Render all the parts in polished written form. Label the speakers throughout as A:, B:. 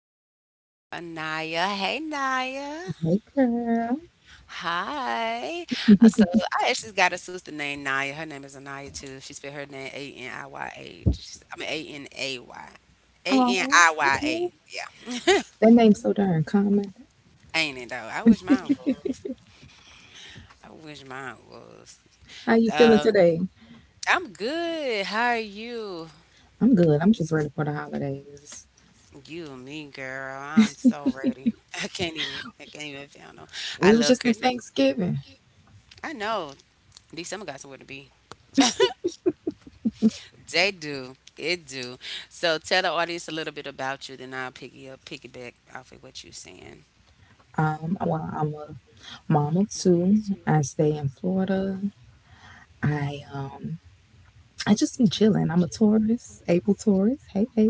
A: back with my girl Anaya. Hey, Naya.
B: Hey girl.
A: Hi. So I actually got a sister named Naya. Her name is Anaya too. She spelled her name Aniya. I mean Anay. A N
B: Oh,
A: I Y
B: okay.
A: A. Yeah.
B: That name's so darn common.
A: Ain't it though? I wish mine was. I wish mine was.
B: How you feeling
A: Um,
B: today?
A: I'm good. How are you?
B: I'm good. I'm just ready for the holidays.
A: You and me, girl. I'm so ready. I can't even. I can't even feel no. I
B: We was
A: love
B: just in
A: Christmas.
B: Thanksgiving.
A: I know. At least someone got somewhere to be. They do. It do. So tell the audience a little bit about you, then I'll pick you up, piggyback off of what you're saying.
B: Well, I'm a mom of two. I stay in Florida. I um I just be chilling. I'm a Taurus, April Taurus. Hey, hey.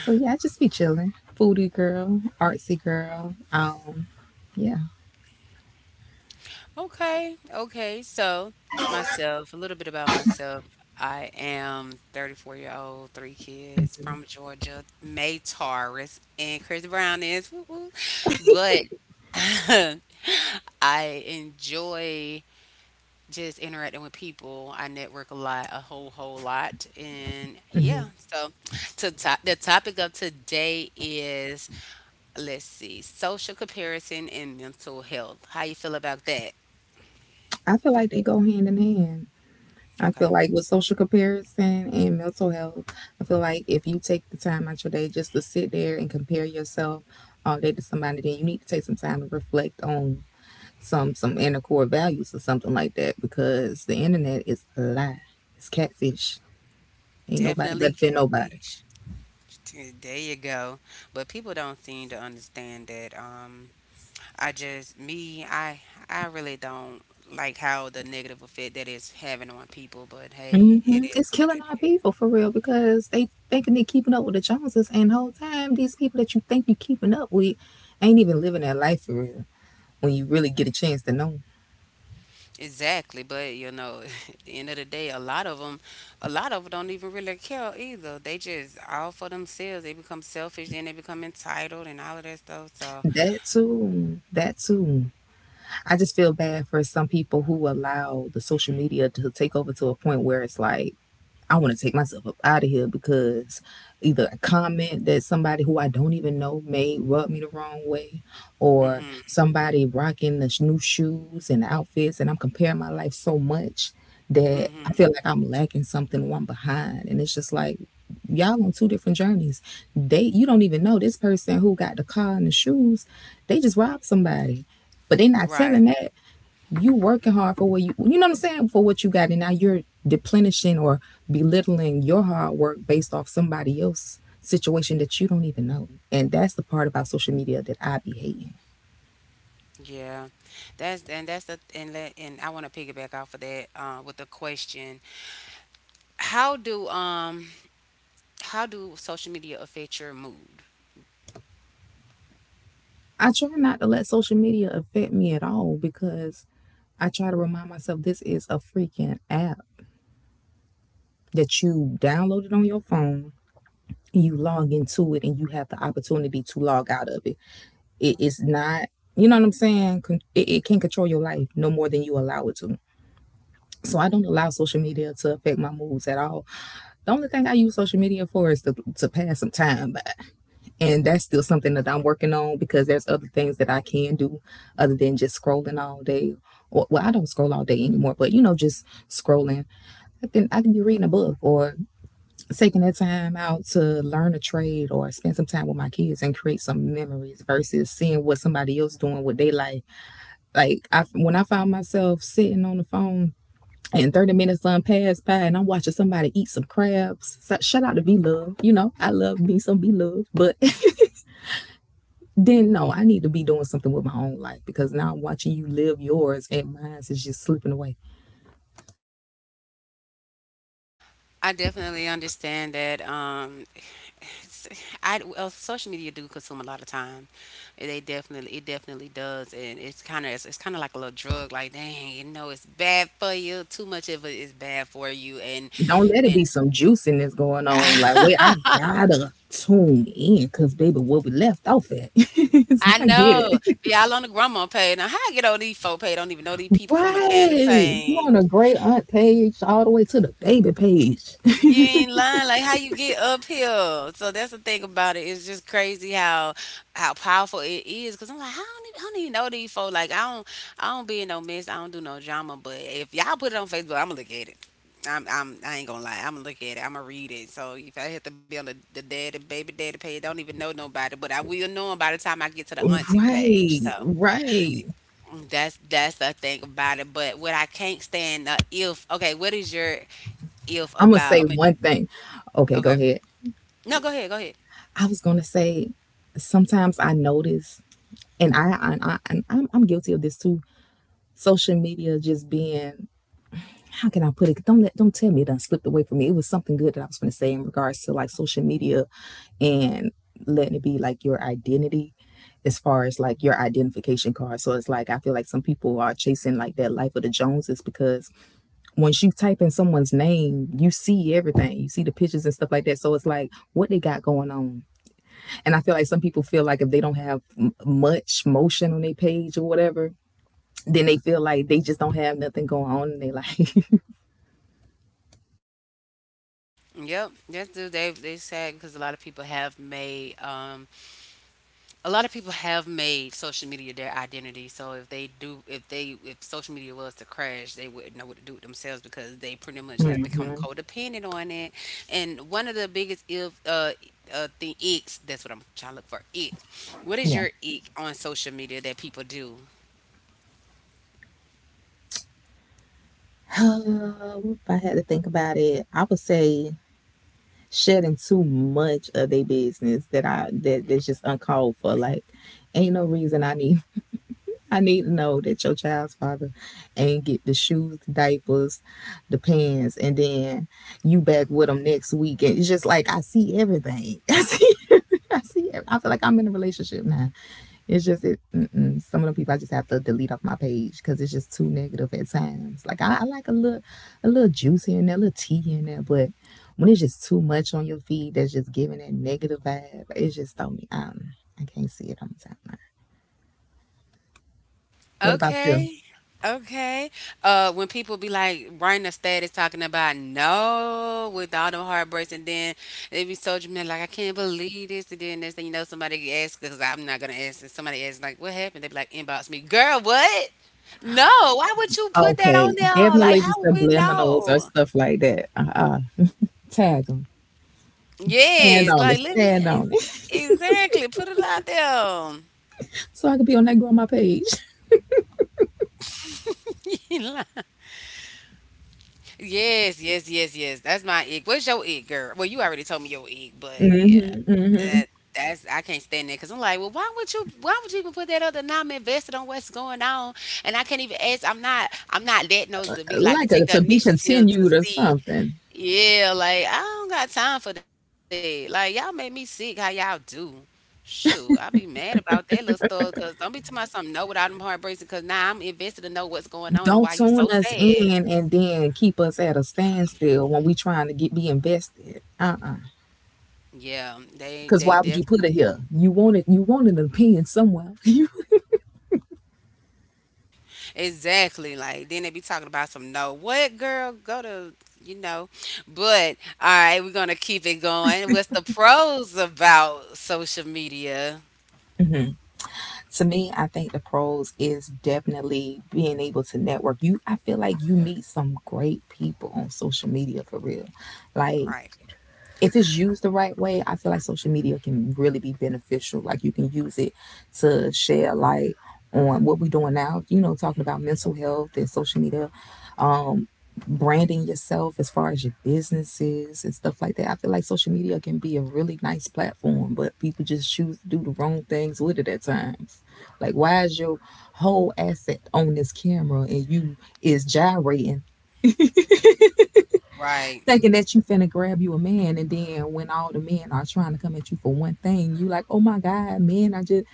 B: So yeah, I just be chilling. Foodie girl, artsy girl. Yeah.
A: Okay. Okay. So myself, a little bit about myself. I am 34-year-old, three kids
B: hmm
A: from Georgia, May Taurus, and Chris Brown is. Woo woo. But I enjoy. Just interacting with people. I network a lot, a whole lot, and yeah. So, to top the topic of today is let's see, social comparison and mental health. How you feel about that?
B: I feel like they go hand in hand. I
A: Okay,
B: feel like with social comparison and mental health, I feel like if you take the time out your day just to sit there and compare yourself all day to somebody, then you need to take some time to reflect on some inner core values or something like that because the internet is a lie. It's catfish. Ain't nobody
A: definitely
B: better than nobody.
A: catfish. There you go. But people don't seem to understand that. I just me, I really don't like how the negative effect that is having on people. But hey, it is
B: It's
A: what
B: killing
A: it
B: our
A: is.
B: people for real because they thinking they keeping up with the Joneses, and the whole time these people that you think you keeping up with ain't even living their life for real. When you really get a chance to know 'em.
A: Exactly, but you know, at the end of the day, a lot of them, a lot of them don't even really care either. They just all for themselves. They become selfish and they become entitled and all of that stuff. So,
B: That too. That too. I just feel bad for some people who allow the social media to take over to a point where it's like I want to take myself up out of here because either a comment that somebody who I don't even know made rubbed me the wrong way, or
A: mhm,
B: somebody rocking the new shoes and outfits, and I'm comparing my life so much that I feel
A: mhm,
B: like I'm lacking something or I'm behind. And it's just like, y'all on two different journeys. They You don't even know this person who got the car and the shoes, they just robbed somebody. But they not telling
A: right,
B: that. You working hard for what you know what I'm saying, for what you got, and now you're deplenishing or belittling your hard work based off somebody else's situation that you don't even know. And that's the part about social media that I be hating.
A: yeah, that's and that's the and let, and I want to piggyback off of that with the question: How do how do social media affect your mood?
B: I try not to let social media affect me at all because I try to remind myself this is a freaking app that you downloaded on your phone. You log into it and you have the opportunity to log out of it. It is not, you know what I'm saying? It can control your life no more than you allow it to. So I don't allow social media to affect my moods at all. The only thing I use social media for is to pass some time by. And that's still something that I'm working on because there's other things that I can do other than just scrolling all day. Well, I don't scroll all day anymore, but you know, just scrolling. I can be reading a book or taking that time out to learn a trade or spend some time with my kids and create some memories versus seeing what somebody else doing with they life. Like when I found myself sitting on the phone and 30 minutes done passed by, and I'm watching somebody eat some crabs. So, shout out to B Love. You know, I love me some B Love. But then, no, I need to be doing something with my own life because now I'm watching you live yours, and mine is just slipping away.
A: I definitely understand that. It's, I well, social media do consume a lot of time. They definitely, it definitely does, and it's kind of like a little drug. Like, dang, you know, it's bad for you. Too much of it is bad for you, and
B: Don't let it
A: and
B: be some juiciness going on. Like, wait, I gotta tune in because, baby, where we left off at. So
A: I
B: I get
A: know
B: it.
A: y'all on the grandma page. Now, how I get on these folk pay? Don't even know these people from a can of
B: Right. You
A: paint.
B: on a great aunt page all the way to the baby page.
A: You ain't lying. Like how you get up here. So that's the thing about it. It's just crazy how powerful it is. Cause I'm like, how don't, e, I don't even know these folks. Like, I don't be in no mess. I don't do no drama. But if y'all put it on Facebook, I'ma look at it. I ain't gonna lie. I'ma look at it. I'ma read it. So if I have to be on the daddy baby daddy page, don't even know nobody, but I will know 'em by the time I get to the auntie page. So
B: Right, right.
A: that's the thing about it. But what I can't stand if okay, what is your if
B: I'm gonna
A: about? I
B: say
A: mean,
B: one thing. Okay,
A: okay.
B: go ahead.
A: No, go ahead, go ahead.
B: I was gonna say sometimes I notice, and I'm guilty of this too. Social media just being, how can I put it? Don't let don't tell me it done slipped away from me. It was something good that I was gonna say in regards to like social media and letting it be like your identity as far as like your identification card. So it's like I feel like some people are chasing like that life of the Joneses because once you type in someone's name, you see everything. You see the pictures and stuff like that. So it's like what they got going on. And I feel like some people feel like if they don't have much motion on their page or whatever, then they feel like they just don't have nothing going on in their life.
A: Yep, that's do they sad because a lot of people have made a lot of people have made social media their identity. So if they do if they if social media was to crash, they wouldn't know what to do with themselves because they pretty much have become
B: Mhm.
A: codependent on it. And one of the biggest if thing icks that's what I'm trying to look for ick. What is
B: Yeah.
A: your ick on social media that people do?
B: If I had to think about it, I would say shedding too much of their business that I that that's just uncalled for. Like, ain't no reason I need to know that your child's father ain't get the shoes, the diapers, the pants, and then you back with them next week. And it's just like I see everything. I see. I see. I feel like I'm in a relationship now. It's just it. Mm-mm. Some of the people I just have to delete off my page because it's just too negative at times. Like I like a little juice here and there, a little tea in there, but when it's just too much on your feed, that's just giving that negative vibe. It's just do me. I can't see it on the timeline. What about you?
A: Okay. Okay. When people be like writing a status talking about no with all them heartbreaks, and then they be so dramatic, like I can't believe this, and then next thing you know, somebody asks because I'm not gonna ask, and somebody asks like, what happened? They be like, inbox me, girl, what? No, why would you put that on
B: Okay,
A: there? Like,
B: definitely
A: how
B: the
A: would we
B: subliminals or
A: know?
B: stuff like that. Uh-uh. Tag them. Stand
A: Yes,
B: on it.
A: like
B: Stand on it.
A: exactly put it out there.
B: So I could be on that grandma page.
A: You lying. Yes, yes, yes, yes. That's my egg. What's your egg, girl? Well, you already told me your egg, but yeah,
B: Mm-hmm. Mm-hmm.
A: that that's I can't stand that because I'm like, Why would you even put that other? Now I'm invested on what's going on, and I can't even ask. I'm not that nose to be like to
B: Like a
A: take the
B: to be
A: initiative to
B: continued or
A: see.
B: something.
A: Yeah, like I don't got time for that. Like y'all make me sick. How y'all do? Shoot, I be mad about that little stuff because don't be talking about something know without them heartbreaks because now I'm invested to know what's going on and why you
B: Don't
A: so
B: tune us
A: sad.
B: in and then keep us at a standstill when we trying to get be invested. Uh-uh.
A: Yeah,
B: Cause
A: they
B: why would you
A: definitely
B: put it
A: did.
B: here? You wanted an opinion somewhere. You.
A: Exactly. Like then they be talking about some no what girl go to you know. But all right, we're gonna keep it going. What's the pros about social media?
B: To me, I think the pros is definitely being able to network. You, I feel like you meet some great people on social media for real. Like
A: Right.
B: if it's used the right way, I feel like social media can really be beneficial. Like you can use it to shed light on what we're doing now, you know, talking about mental health and social media, um, branding yourself as far as your businesses and stuff like that. I feel like social media can be a really nice platform, but people just choose to do the wrong things with it at times. Like why is your whole asset on this camera and you is gyrating
A: Right.
B: thinking that you finna grab you a man, and then when all the men are trying to come at you for one thing, you like, oh my god, men, I just.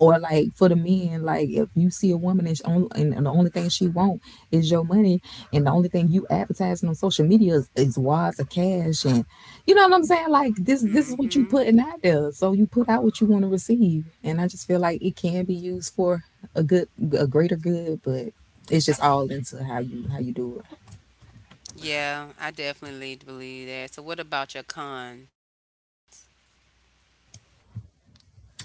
B: Or like for the men, like if you see a woman, she on, and the only thing she want is your money, and the only thing you advertising on social media is wads of cash and you know what I'm saying. Like this is what you
A: Mm-hmm.
B: putting out there, so you put out what you want to receive. And I just feel like it can be used for a good a greater good, but it's just all into how you do it.
A: Yeah, I definitely believe that. So what about your cons?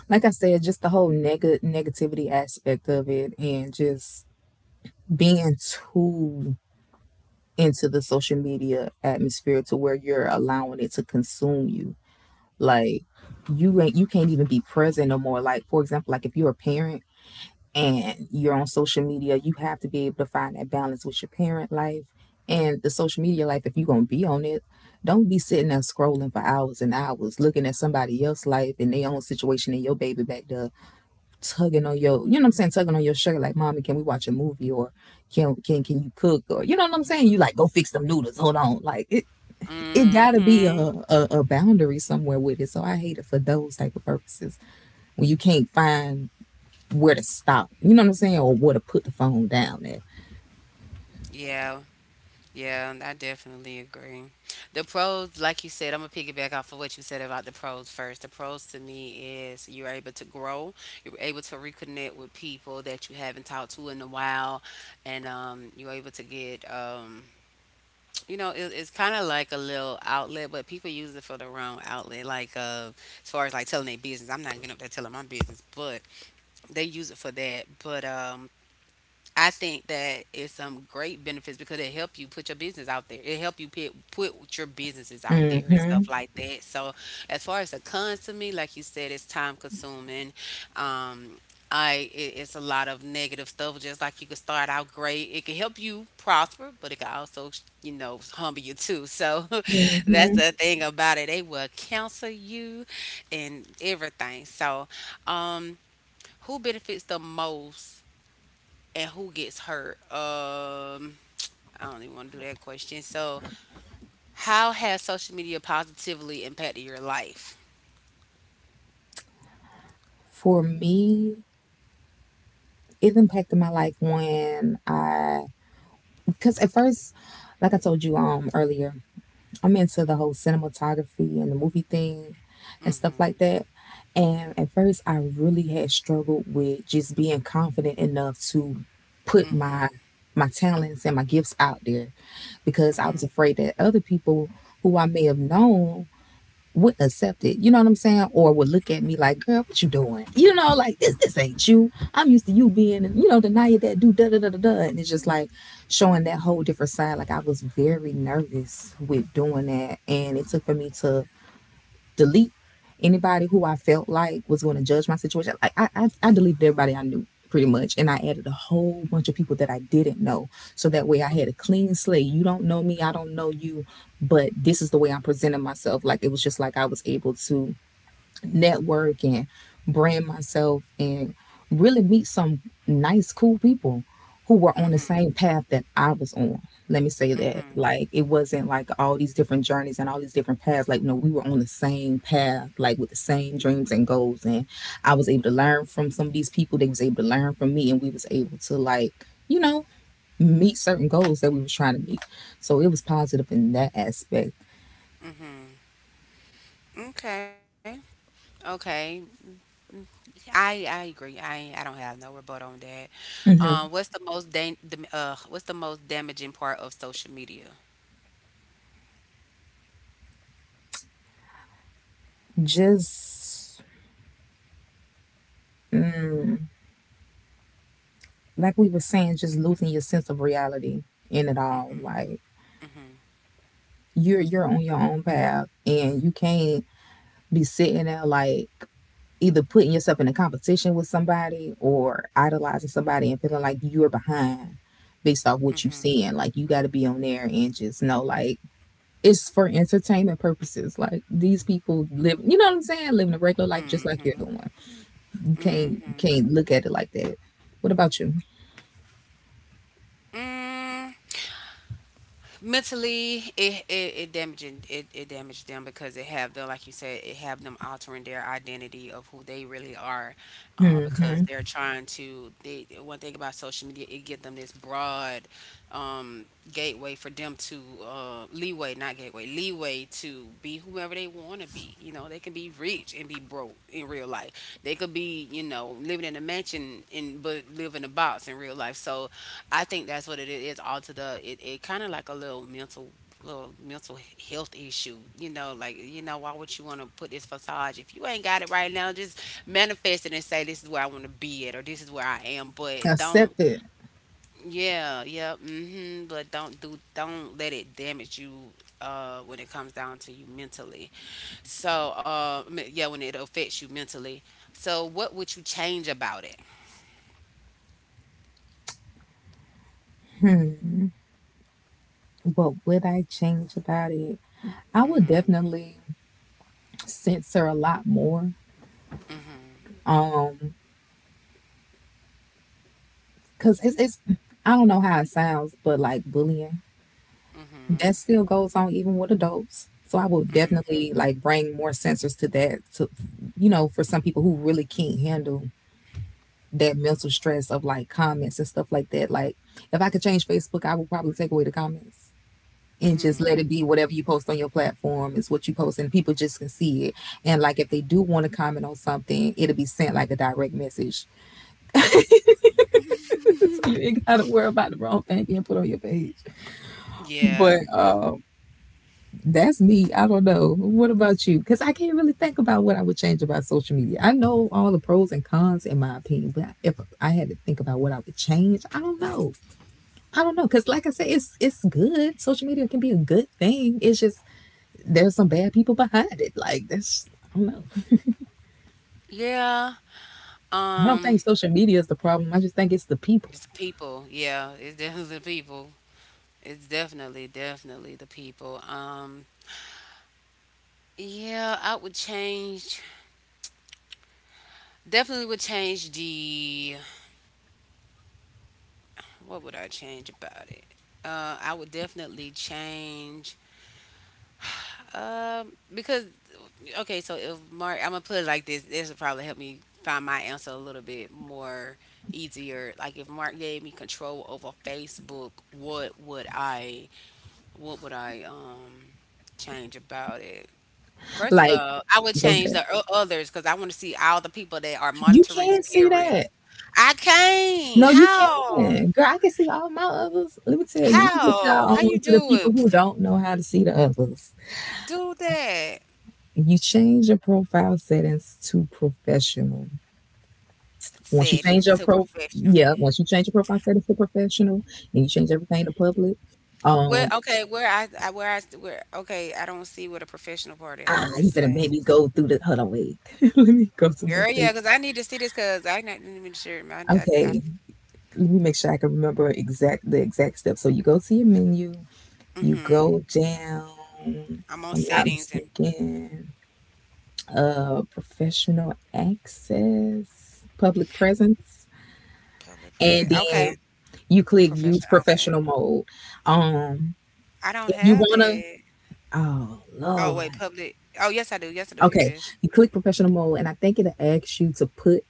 B: Like I said, just the whole negativity aspect of it and just being too into the social media atmosphere to where you're allowing it to consume you. Like you can't even be present no more. Like for example, like if you're a parent and you're on social media, you have to be able to find that balance with your parent life and the social media life. If you're gonna be on it, don't be sitting there scrolling for hours and hours looking at somebody else's life and their own situation and your baby back there tugging on your, you know what I'm saying, tugging on your shirt like, "Mommy, can we watch a movie?" or Can you cook?" or you know what I'm saying. You like, go fix them noodles. Hold on, like it gotta be
A: Mm-hmm.
B: a boundary somewhere with it. So I hate it for those type of purposes when you can't find where to stop. You know what I'm saying, or where to put the phone down at.
A: Yeah. Yeah, I definitely agree. The pros, like you said, I'm gonna piggyback off of what you said about the pros first. The pros to me is you're able to grow, you're able to reconnect with people that you haven't talked to in a while, and you're able to you know, it's kind of like a little outlet, but people use it for the wrong outlet. Like as far as like telling their business, I'm not getting up there telling my business, but they use it for that. But I think that is some great benefits because it help you put your business out there. It help you put your businesses out there and
B: Mm-hmm.
A: stuff like that. So as far as the cons to me, like you said, it's time consuming. Um, I it's a lot of negative stuff. Just like you could start out great, it can help you prosper, but it can also you know humble you too. So that's
B: Mm-hmm.
A: the thing about it. They will counsel you and everything. So um, who benefits the most? And who gets hurt? I don't even want to do that question. So, how has social media positively impacted your life?
B: For me, it impacted my life when I, because at first, like I told you earlier, I'm into the whole cinematography and the movie thing and stuff
A: Mhm,
B: like that. And at first, I really had struggled with just being confident enough to put
A: mhm,
B: my talents and my gifts out there because I was
A: mhm,
B: afraid that other people who I may have known would accept it, you know what I'm saying? Or would look at me like, girl, what you doing? You know, like this ain't you. I'm used to you being, you know, deny that do da da da da da. And it's just like showing that whole different side. Like I was very nervous with doing that. And it took for me to delete anybody who I felt like was going to judge my situation. Like I deleted everybody I knew pretty much, and I added a whole bunch of people that I didn't know. So that way, I had a clean slate. You don't know me, I don't know you, but this is the way I'm presenting myself. Like it was just like I was able to network and brand myself and really meet some nice, cool people who were on the
A: mhm,
B: same path that I was on. Let me say that.
A: mhm.
B: Like, it wasn't like all these different journeys and all these different paths. Like, no, we were on the same path, like with the same dreams and goals. And I was able to learn from some of these people. They was able to learn from me and we was able to like, you know, meet certain goals that we was trying to meet. So it was positive in that aspect.
A: Mhm. Okay. Okay. I agree. I don't have no rebuttal on that.
B: Hmm.
A: What's the most dan- The, what's the most damaging part of social media?
B: Just mm, like we were saying, just losing your sense of reality in it all.
A: Mhm,
B: Like
A: mhm,
B: you're on your own path and you can't be sitting there like either putting yourself in a competition with somebody or idolizing somebody and feeling like you're behind based off what you're
A: mhm,
B: seeing. Like you gotta be on there and just know like it's for entertainment purposes. Like these people live you know what I'm saying? Living a regular life just like you're
A: mhm,
B: doing. You can't you
A: mhm.
B: can't look at it like that. What about you?
A: Mm, mentally it damaging it damaged them because it have them like you said it have them altering their identity of who they really are because
B: Hmm.
A: they're trying to they one thing about social media it give them this broad um, gateway for them to leeway not gateway leeway to be whoever they want to be you know they can be rich and be broke in real life they could be you know living in a mansion and but live in a box in real life so I think that's what it is. All to the it kind of like a little mental health issue. You know, like you know, why would you want to put this facade if you ain't got it right now? Just manifest it and say this is where I want to be at or this is where I am. But don't
B: Accept it.
A: yeah yeah mm-hmm. But don't let it damage you. When it comes down to you mentally, so me- Yeah, when it affects you mentally, so what would you change about it?
B: What would I change about it? I would
A: Mm-hmm.
B: definitely censor a lot more.
A: Mm-hmm.
B: Um, cause it's I don't know how it sounds, but like bullying
A: Mm-hmm.
B: that still goes on even with adults. So I would
A: Mm-hmm.
B: definitely like bring more censors to that. To for some people who really can't handle that mental stress of like comments and stuff like that. Like if I could change Facebook, I would probably take away the comments and just
A: Mm-hmm.
B: let it be whatever you post on your platform is what you post and people just can see it and like if they do want to comment on something it'll be sent like a direct message. So you ain't gotta worry about the wrong thing being put on your page,
A: Yeah.
B: but that's me. I don't know. What about you? Because I can't really think about what I would change about social media. I know all the pros and cons in my opinion, but if I had to think about what I would change, I don't know. I don't know, cause like I said, it's good. Social media can be a good thing. It's just there's some bad people behind it. Like that's I don't know.
A: Yeah.
B: I don't think
A: Um,
B: social media is the problem. I just think it's the people.
A: it's the people. Yeah, it's definitely the people. It's definitely, definitely the people. Yeah, I would change. Definitely would change the. What would I change about it? I would definitely change. Because okay, so if Mark, I'm gonna put it like this. This will probably help me find my answer a little bit more easier. Like if Mark gave me control over Facebook, What would I change about it? First of
B: Like
A: all, I would
B: go
A: change
B: ahead.
A: the others because I want to see all the people that are
B: You
A: monitoring
B: can't see
A: spirits.
B: that.
A: I can't.
B: No, you
A: How?
B: can. Girl, I can see all my others. Let me tell you, you put
A: How?
B: y'all
A: How you
B: on to the
A: do
B: people
A: it?
B: who don't know how to see the others.
A: Do that
B: You change your profile settings to professional. Once you
A: setting
B: change
A: to
B: your pro
A: professional.
B: yeah, once you change your profile settings to professional and you change everything to public,
A: Where?
B: um,
A: Okay. Where I? I where I? Where? Okay. I don't see where the professional part at.
B: ah,
A: Where
B: you
A: is
B: finna
A: that?
B: maybe go through the hold on wait. Let me go to my
A: Girl, yeah,
B: Facebook.
A: because I need to see this because I not even sure.
B: Okay, let me make sure I can remember exact the exact steps. So you go to your menu, you
A: Mm-hmm.
B: go down,
A: I'm
B: if
A: on
B: I'm not
A: settings and
B: mistaken, professional access, public presence,
A: public present.
B: and
A: Okay,
B: then you click use
A: professional outfit.
B: professional mode. Um
A: I don't
B: if you
A: have
B: wanna
A: that.
B: oh
A: Oh
B: Lord.
A: wait, public. Oh yes, I do. Yes, I do. Here it
B: Okay,
A: is.
B: you click professional mode and I think it'll ask you to put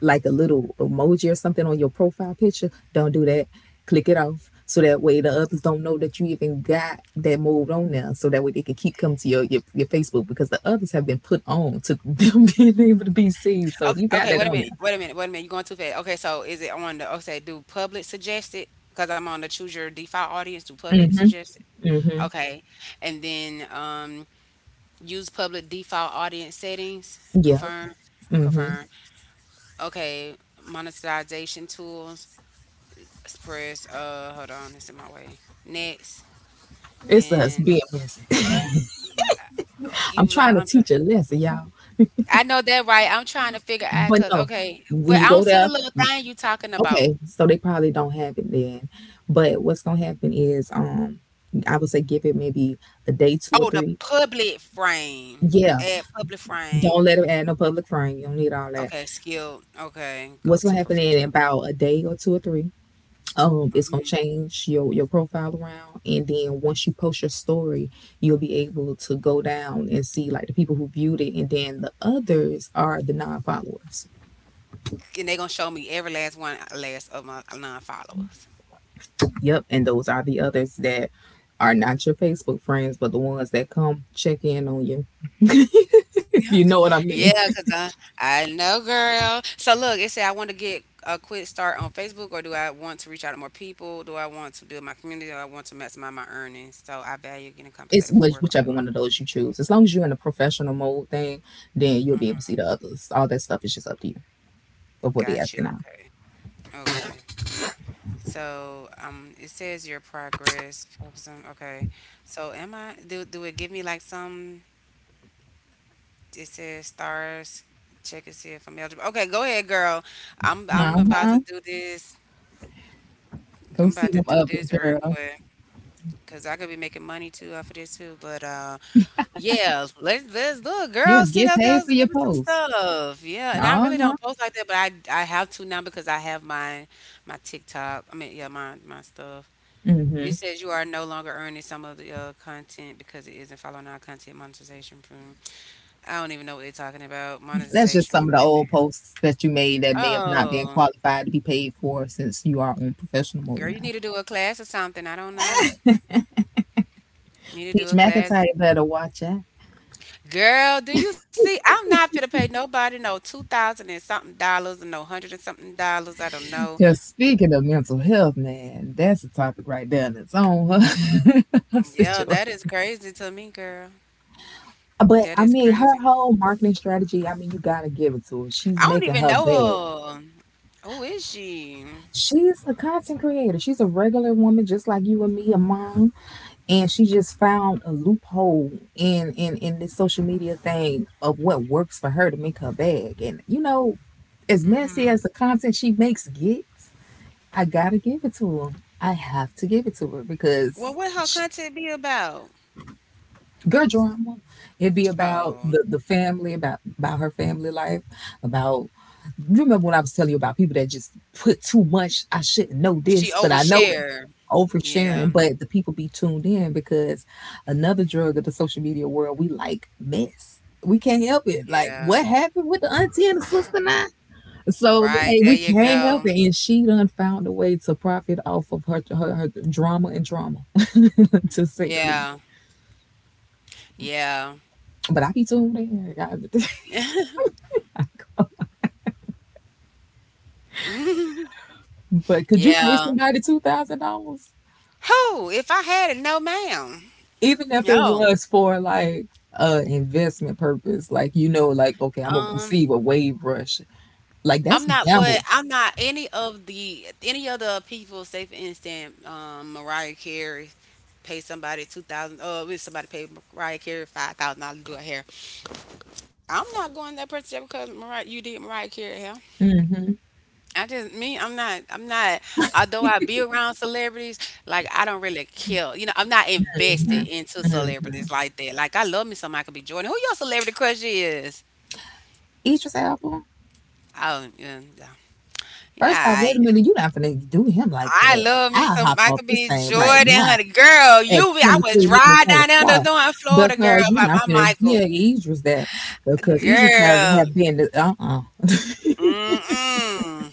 B: like a little emoji or something on your profile picture, don't do that. Click it off so that way the others don't know that you even got that moved on now. So that way they can keep coming to your, your Facebook because the others have been put on to them being able to be seen. So if
A: Okay,
B: you got
A: okay.
B: that
A: Wait a
B: on
A: minute. Wait a minute. Wait a minute. You're going too fast. Okay, so is it on the? Okay, do public suggest it? Because I'm on the choose your default audience. Do public suggest it?
B: there, hmm,
A: Okay, and then use public default audience settings.
B: yep,
A: Confirm.
B: hmm,
A: Confirm. Okay, monetization tools. Press. Hold on. It's in my way. Next,
B: it's us
A: and
B: being messy.
A: oh, you
B: I'm trying to
A: like
B: teach a lesson, y'all.
A: I know that, right? I'm trying to figure out,
B: But
A: cause
B: no,
A: okay,
B: when
A: but
B: you
A: I
B: go
A: don't see the
B: there,
A: little
B: you,
A: thing you talking about.
B: okay, so they probably don't have it then. But what's gonna happen is, I would say give it maybe a day two or
A: Oh, the
B: three.
A: public frame.
B: Yeah,
A: Add public frame.
B: don't let them add no public frame. You don't need all that.
A: Okay, skilled. Okay, go
B: What's gonna
A: to
B: happen in
A: professional.
B: about a day or two or three? It's gonna
A: Hmm
B: change your profile around, and then once you post your story, you'll be able to go down and see like the people who viewed it, and then the others are the non-followers.
A: And they gonna show me every last one, last of my non-followers.
B: Yep, and those are the others that are not your Facebook friends, but the ones that come check in on you. If you know what I mean.
A: Yeah, I know, girl. So look, it said I want to get a quick start on Facebook, or do I want to reach out to more people? Do I want to build my community? Or I want to maximize my earnings? So I value getting
B: It's
A: compensated for
B: which,
A: work I'm doing.
B: whichever one of those you choose. As long as you're in a professional mode thing, then you'll be able to
A: Mm-hmm.
B: see the others. All that stuff is just up to you of what they're
A: Got you.
B: asking out.
A: Okay. Okay. So it says your progress. Okay. So, am I? Do it give me like some? It says stars. Check and see if I'm eligible. Okay, go ahead, girl. I'm
B: Uh
A: I'm about to
B: huh.
A: do this.
B: Go
A: I'm
B: see
A: about to
B: them
A: do
B: others,
A: this real
B: girl.
A: quick. Cause I could be making money too off of this too, but yeah, let's look, girl.
B: Yes,
A: Sit
B: get
A: up there,
B: paid for your
A: give me some
B: posts.
A: stuff. Yeah, and I
B: Uh
A: really
B: huh.
A: don't post like that, but I have to now because I have my my TikTok. I mean, yeah, my stuff. It
B: Hmm.
A: says you are no longer earning some of the content because it isn't following our content monetization from. I don't even know what they're talking about.
B: That's just
A: Monetization
B: some of the
A: from
B: old
A: them.
B: posts that you made that may have not been
A: Oh,
B: qualified to be paid for since you are on professional mode
A: girl, you
B: now.
A: need to do a class or something. I don't know. You need to do
B: Peach
A: a
B: McIntyre
A: class.
B: better watch out.
A: Girl, do you see? I'm not gonna pay nobody no 2,000 and something dollars and no hundred and something dollars. I don't know.
B: Because speaking of mental health, man, that's a topic right there in its own
A: Yeah,
B: situation.
A: that is crazy to me, girl.
B: But
A: That
B: I
A: is
B: mean, her
A: crazy.
B: whole marketing strategy, I mean, you gotta give it to her. She's
A: I don't
B: making
A: even
B: her
A: know
B: bag.
A: her. Who is she?
B: She's a content creator. She's a regular woman, just like you and me, a mom. And she just found a loophole in, in this social media thing of what works for her to make her bag. And, you know, as messy
A: Mm-hmm.
B: as the content she makes gets, I gotta give it to her. I have to give it to her
A: Well,
B: because
A: what her
B: she,
A: content be about?
B: girl drama. It'd be about
A: Oh,
B: the family, about her family life, about You remember when I was telling you about people that just put too much, I shouldn't know
A: she
B: this, but I know it.
A: overshare. Yeah,
B: Oversharing, but the people be tuned in because another drug of the social media world, we like mess. We can't help it. Like
A: yeah.
B: what happened with the auntie and the sister now? So
A: Right,
B: hey,
A: there
B: we
A: you
B: can't help
A: go.
B: it. And she done found a way to profit off of her drama and drama to say the least.
A: Yeah, yeah.
B: But I be tuned in. But could you pay
A: Yeah.
B: somebody $2000?
A: Who? If I had it, no ma'am.
B: Even if it
A: No.
B: was for like investment purpose, like you know like okay I'm gonna
A: Um,
B: receive a wave rush, like that's
A: I'm
B: a
A: not, but
B: gamble.
A: I'm not any of the any other people, say for instance, Mariah Carey pay somebody two thousand if somebody paid Mariah Carey $5,000 to do her hair. I'm not going to that person because Mariah you did Mariah Carey hair.
B: Mm-hmm,
A: I just me, I'm not although I be around celebrities, like I don't really care. You know, I'm not
B: mm-hmm,
A: invested into
B: mm-hmm.
A: celebrities like that. Like I love me some Michael B. Jordan. Who your celebrity crush is?
B: Idris Elba.
A: Oh yeah, yeah.
B: First off,
A: Yeah,
B: wait a minute, you not gonna do him like
A: I
B: that.
A: love me
B: I'll
A: some
B: hop off
A: Michael
B: this
A: B.
B: thing right
A: Jordan,
B: now
A: honey. Girl,
B: at
A: you be I would
B: 23 minutes
A: drive
B: on the
A: down to
B: clock,
A: North Florida, girl,
B: because you're
A: by
B: not
A: my
B: gonna
A: Michael.
B: give Idris that, because Idris have,
A: Girl.
B: have been the- uh-uh,
A: Mm-mm.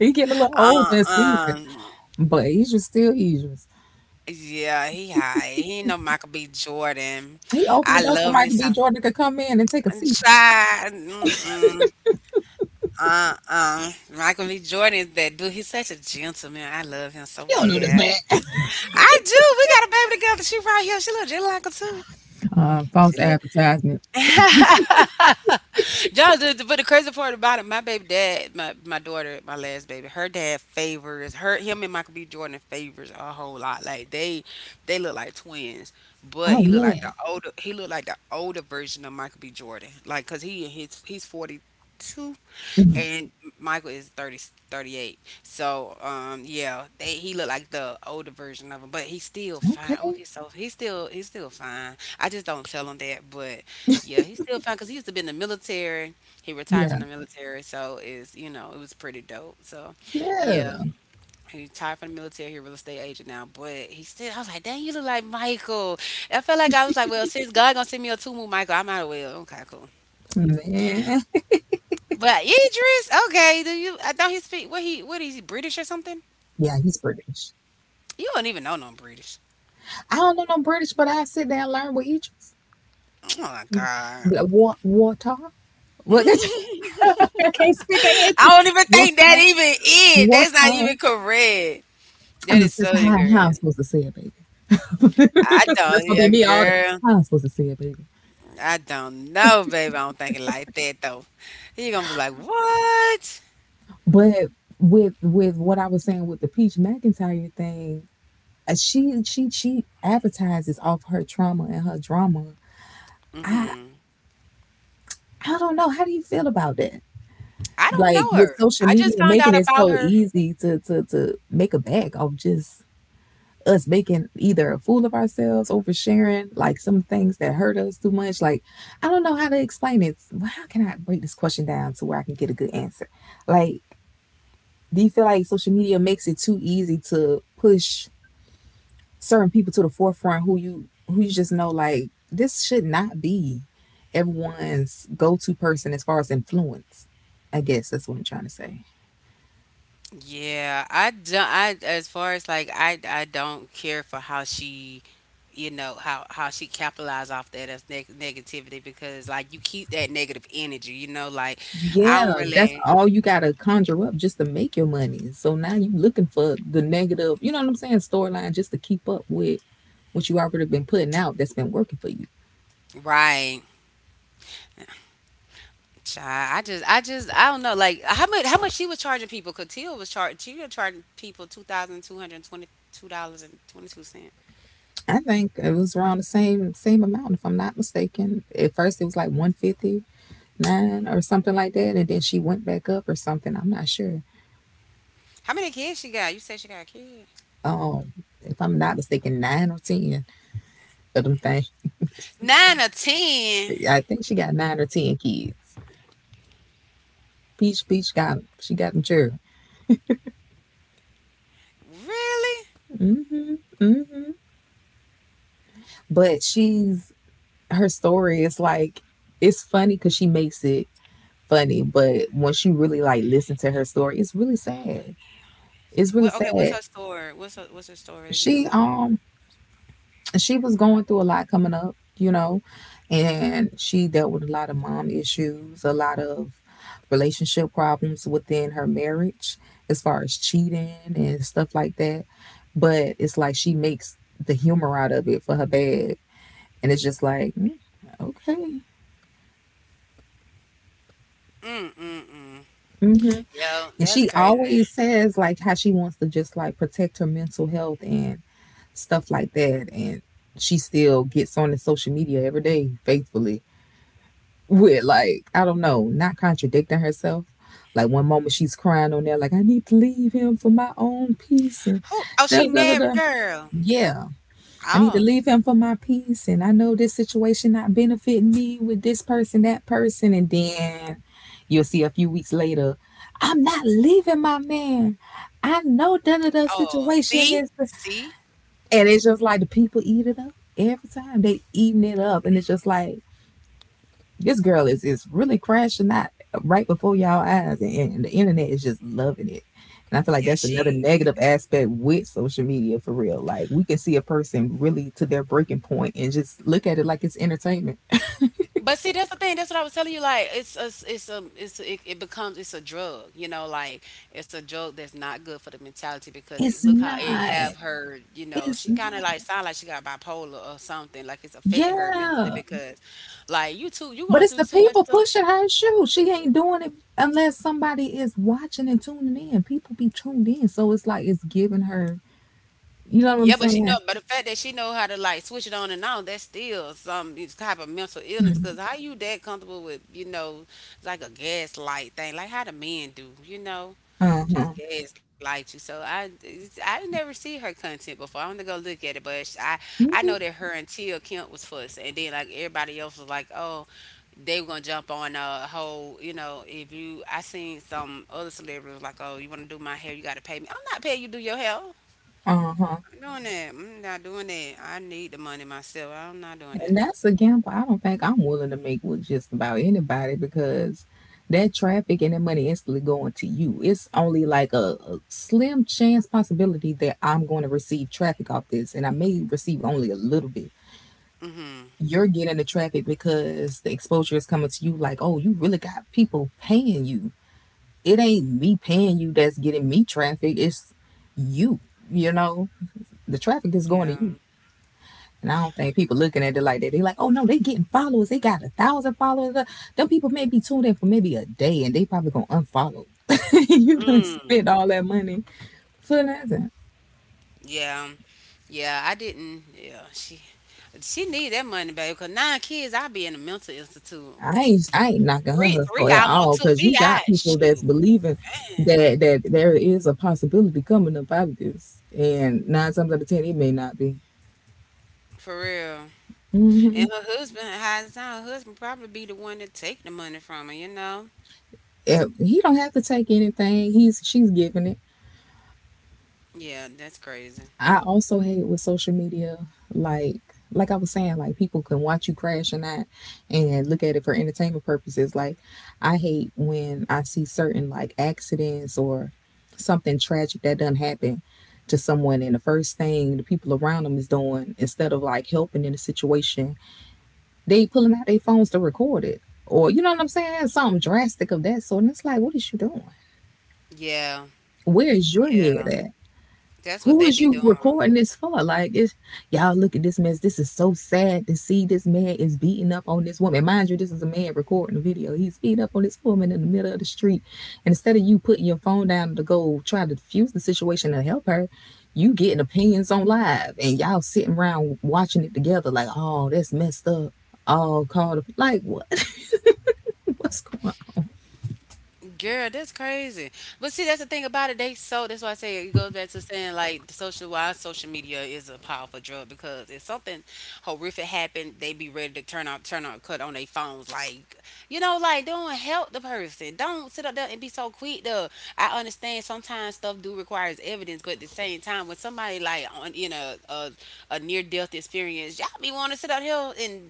B: he getting a little older and seasoned,
A: Uh-uh.
B: but Idris still Idris.
A: Yeah, he high. He ain't no Michael B. Jordan.
B: He opened
A: I
B: the door so
A: love me
B: Michael B.
A: some.
B: Jordan could come in and take a seat.
A: Shy, mm-mm, uh-uh. Michael B. Jordan is that dude. He's such a gentleman. I love him so
B: You don't know this
A: bad.
B: man.
A: I do. We got a baby together. She right here. She look just like her too.
B: False
A: She look.
B: advertisement.
A: Y'all, but the crazy part about it, my baby dad, my daughter, my last baby, her dad favors her. Him and Michael B. Jordan favors a whole lot. Like they look like twins. But
B: Oh
A: he looked like the
B: man.
A: older. He looked like the older version of Michael B. Jordan. Like, cause he's 42
B: Mhm.
A: and Michael is thirty eight, so yeah, they, he looked like the older version of him, but he's still fine. Oh,
B: Okay.
A: he's so he's still fine. I just don't tell him that, but yeah, he's still fine because he used to be in the military. He retired
B: Yeah.
A: from the military, so it's you know it was pretty dope. So,
B: Yeah.
A: yeah, he retired from the military. He's a real estate agent now, but he still. I was like, dang, you look like Michael. I felt like I was like, well, since God gonna send me a two move Michael, I might as well. Okay, cool.
B: Man.
A: But Idris, okay, do you? I thought he speak. What he? What is he British or something?
B: Yeah, he's British.
A: You don't even know no British.
B: I don't know no British, but I sit down and learn with each.
A: Oh my god!
B: What water? What? I can't speak it. Answer.
A: I don't even think that
B: Water.
A: even is. That's not
B: Water.
A: even correct.
B: And
A: That
B: the
A: is so
B: sister, how I'm
A: incorrect.
B: supposed to say it, baby?
A: I
B: That's
A: don't,
B: gonna be
A: yeah,
B: me all day.
A: girl.
B: How I'm supposed to say it, baby?
A: I don't know, baby. I don't think it like that though. You gonna be like, what?
B: But with what I was saying with the Peach McIntyre thing, she she advertises off her trauma and her drama. I
A: Hmm
B: don't know. How do you feel about that?
A: I don't
B: Like
A: know
B: with
A: her.
B: social
A: I
B: media
A: just found
B: making
A: out
B: it
A: about
B: so
A: her.
B: easy to to make a bag off just us making either a fool of ourselves, oversharing like some things that hurt us too much. Like I don't know how to explain it. Well, how can I break this question down to where I can get a good answer? Like do you feel like social media makes it too easy to push certain people to the forefront who you just know like this should not be everyone's go-to person as far as influence. I guess that's what I'm trying to say.
A: Yeah, I don't. I as far as like I don't care for how she, you know how she capitalized off that as negativity because like you keep that negative energy. You know, like I
B: Yeah,
A: don't
B: that's
A: really
B: all you gotta conjure up just to make your money. So now you looking for the negative, you know what I'm saying, storyline just to keep up with what you already been putting out that's been working for you.
A: right. Child, I just I don't know like how much she was charging people. Cause Tia was charging she was charging people $2,222 and 22 cent.
B: I think it was around the same amount, if I'm not mistaken. At first it was like 159 or something like that, and then she went back up or something. I'm not sure.
A: How many kids she got? You said she got a kid.
B: um, if I'm not mistaken, nine or ten of them things.
A: 9 or 10.
B: I think she got nine or ten kids. Peach got them. She got them sure.
A: Really?
B: hmm hmm But she's her story is like it's funny because she makes it funny, but when she really like listen to her story, it's really sad. It's really
A: What, okay, what's
B: sad.
A: her story? What's her story? Give me a
B: She
A: little bit.
B: And she was going through a lot coming up, you know, and she dealt with a lot of mom issues, a lot of relationship problems within her marriage as far as cheating and stuff like that. But it's like she makes the humor out of it for her bad. And it's just like, okay.
A: Mm mm mm.
B: hmm
A: Yo,
B: And
A: that's
B: she
A: crazy.
B: always says like how she wants to just like protect her mental health and stuff like that. And she still gets on the social media every day faithfully with like I don't know, not contradicting herself. Like one moment she's crying on there, like I need to leave him for my own peace and
A: Who? Oh,
B: da
A: she
B: da da
A: married
B: da.
A: girl.
B: Yeah, I need
A: Oh,
B: to leave him for my peace, and I know this situation not benefiting me with this person, that person, and then you'll see a few weeks later, I'm not leaving my man. I know da da da
A: oh.
B: situation
A: See,
B: is,
A: see.
B: and it's just like the people eat it up every time they eating it up, and it's just like this girl is really crashing out right before y'all eyes, and the internet is just loving it. And I feel like
A: Yeah,
B: that's another
A: she.
B: negative aspect with social media for real. Like we can see a person really to their breaking point and just look at it like it's entertainment.
A: But see, that's the thing. That's what I was telling you. Like, it becomes, it's a drug. You know, like it's a drug that's not good for the mentality because it,
B: It's
A: look how it
B: not.
A: have her. You know,
B: It's
A: she kind of
B: not.
A: like sound like she got bipolar or something. Like it's affecting her mentally
B: Yeah.
A: because, like, you too, you
B: But
A: going
B: it's
A: through
B: the
A: too much
B: people
A: stuff.
B: pushing her shoe. She ain't doing it unless somebody is watching and tuning in. People be tuned in. So it's like it's giving her, you know what I'm
A: Yeah, but she know,
B: saying?
A: but the fact that she know how to like switch it on and off, that's still some type of mental illness. Because how you that comfortable with you know, like a gaslight thing, like how the men do, you know,
B: Uh
A: just
B: huh.
A: gaslight you. So I, I never see her content before. I'm gonna go look at it, but I know that her and Tia Kemp was first, and then like everybody else was like, oh, they were gonna jump on a whole, you know, if you, I seen some other celebrities like, oh, you wanna do my hair, you gotta pay me. I'm not paying you to do your hair
B: Uh huh.
A: doing that. I'm not doing that. I need the money myself. I'm not doing that.
B: And that's a gamble I don't think I'm willing to make with just about anybody because that traffic and that money instantly going to you. It's only like a slim chance possibility that I'm going to receive traffic off this, and I may receive only a little bit.
A: Mm-hmm.
B: You're getting the traffic because the exposure is coming to you like, oh, you really got people paying you. It ain't me paying you that's getting me traffic, it's you, you know? The traffic is going to
A: Yeah.
B: you. And I don't think people looking at it like that. They like, oh no, they getting followers. They got a thousand followers. Them people may be tuned in for maybe a day and they probably gonna unfollow. You done
A: Mm.
B: spent all that money for nothing.
A: Yeah. Yeah. I didn't. Yeah. She. She need that money, baby. Cause 9 kids, I be in a mental institute.
B: I ain't knocking
A: Three,
B: her
A: three
B: hustle at
A: almost
B: all
A: took
B: because
A: me
B: you
A: out.
B: got people
A: Shoot,
B: that's believing
A: man.
B: that there is a possibility coming up out of this. And nine times out of ten it may not be.
A: For real.
B: hmm
A: And her husband, high as time, her husband probably be the one that take the money from her. You know.
B: he don't have to take anything. He's She's giving it.
A: Yeah. That's crazy.
B: I also hate with social media, like like I was saying, like people can watch you crash and not and look at it for entertainment purposes. Like I hate when I see certain like accidents or something tragic that done happen to someone and the first thing the people around them is doing instead of like helping in the situation, they pulling out their phones to record it. Or you know what I'm saying? Something drastic of that sort. And it's like, what is you doing?
A: Yeah.
B: Where is your
A: Yeah.
B: head at?
A: That's what
B: Who
A: they
B: is
A: be
B: you
A: doing.
B: recording this for? Like, it's, y'all look at this mess. This is so sad to see this man is beating up on this woman. Mind you, this is a man recording the video. He's beating up on this woman in the middle of the street. And instead of you putting your phone down to go try to diffuse the situation and help her, you getting opinions on live and y'all sitting around watching it together like, oh, that's messed up. Oh, call the, like, what? What's going
A: Girl, that's crazy. But see, that's the thing about it. They so that's why I say it goes back to saying like the social why social media is a powerful drug because if something horrific happened, they be ready to turn out cut on their phones. Like you know, like don't help the person. Don't sit up there and be so quick though. I understand sometimes stuff do requires evidence, but at the same time when somebody like on you know a near death experience, y'all be wanna sit out here and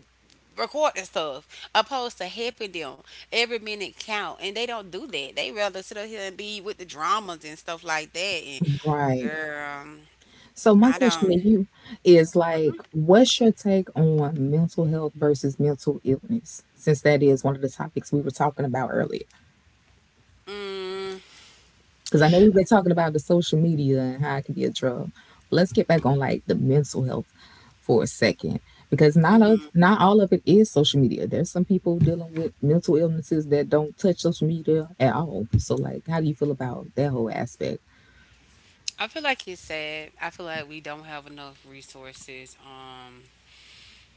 A: recording stuff opposed to helping them every minute count and they don't do that, they rather sit up here and be with the dramas and stuff like that and
B: on? Right.
A: girl
B: So my
A: I don't,
B: question to you is like, what's your take on mental health versus mental illness? Since that is one of the topics we were talking about earlier. Because I know we've been talking about the social media and how it can be a drug. Let's get back on like the mental health for a second. Because not all of it is social media. There's some people dealing with mental illnesses that don't touch social media at all. So like how do you feel about that whole aspect?
A: I feel like it's sad. I feel like we don't have enough resources,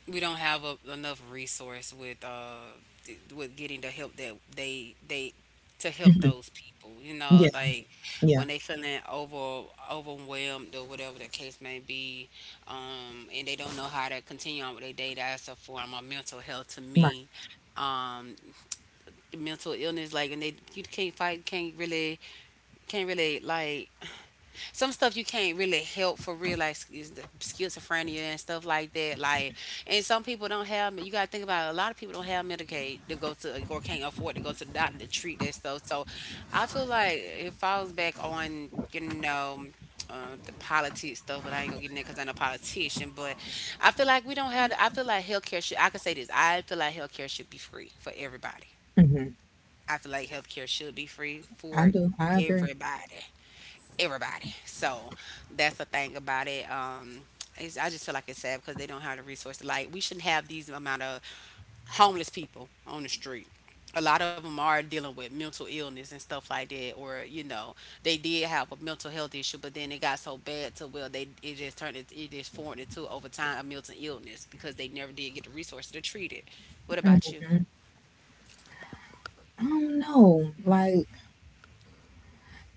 A: we don't have enough resource with with getting the help that they to help those people you know
B: Yeah,
A: like
B: yeah.
A: when they feeling overwhelmed or whatever the case may be, and they don't know how to continue on with their day, that's a form of mental health to
B: Right.
A: me. um Mental illness like and they you can't fight can't really like some stuff you can't really help for real, like is the schizophrenia and stuff like that. Like, and some people don't have. You gotta think about it, a lot of people don't have Medicaid to go to or can't afford to go to the doctor to treat that stuff. So, I feel like it falls back on you know. The politics stuff, but I ain't gonna get in there because I'm a politician. But I feel like we don't have. I feel like healthcare should. I could say this. I feel like healthcare should be free for everybody. I feel like healthcare should be free
B: I
A: for
B: do. I agree.
A: everybody everybody. So that's the thing about it. It's, I just feel like it's sad because they don't have the resources. Like we shouldn't have these amount of homeless people on the street. A lot of them are dealing with mental illness and stuff like that, or they did have a mental health issue, but then it got so bad to well, they it just it just formed into over time a mental illness because they never did get the resources to treat it. What about you?
B: I don't know. Like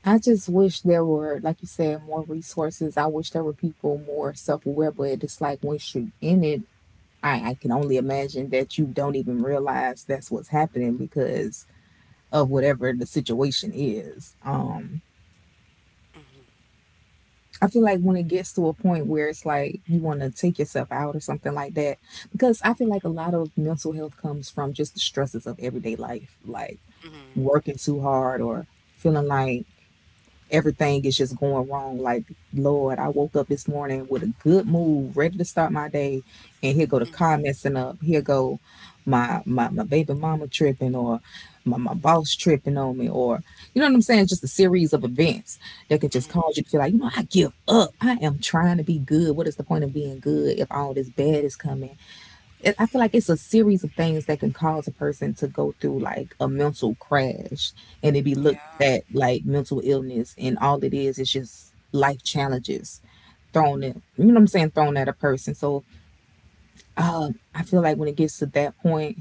B: I just wish there were, like you said, more resources. I wish there were people more self aware, but it's like once you're in it, I can only imagine that you don't even realize that's what's happening because of whatever the situation is. I feel like when it gets to a point where it's like you want to take yourself out or something like that, because I feel like a lot of mental health comes from just the stresses of everyday life, like
A: Hmm.
B: working too hard or feeling like everything is just going wrong. Like, Lord, I woke up this morning with a good mood, ready to start my day, and here go the car messing up. Here go my baby mama tripping, or my boss tripping on me, or you know what I'm saying? Just a series of events that could just cause you to feel like, you know, I give up. I am trying to be good. What is the point of being good if all this bad is coming? It, I feel like it's a series of things that can cause a person to go through like a mental crash and it be looked
A: Yeah.
B: at like mental illness and all it is just life challenges thrown at you know what I'm saying thrown at a person. So I feel like when it gets to that point,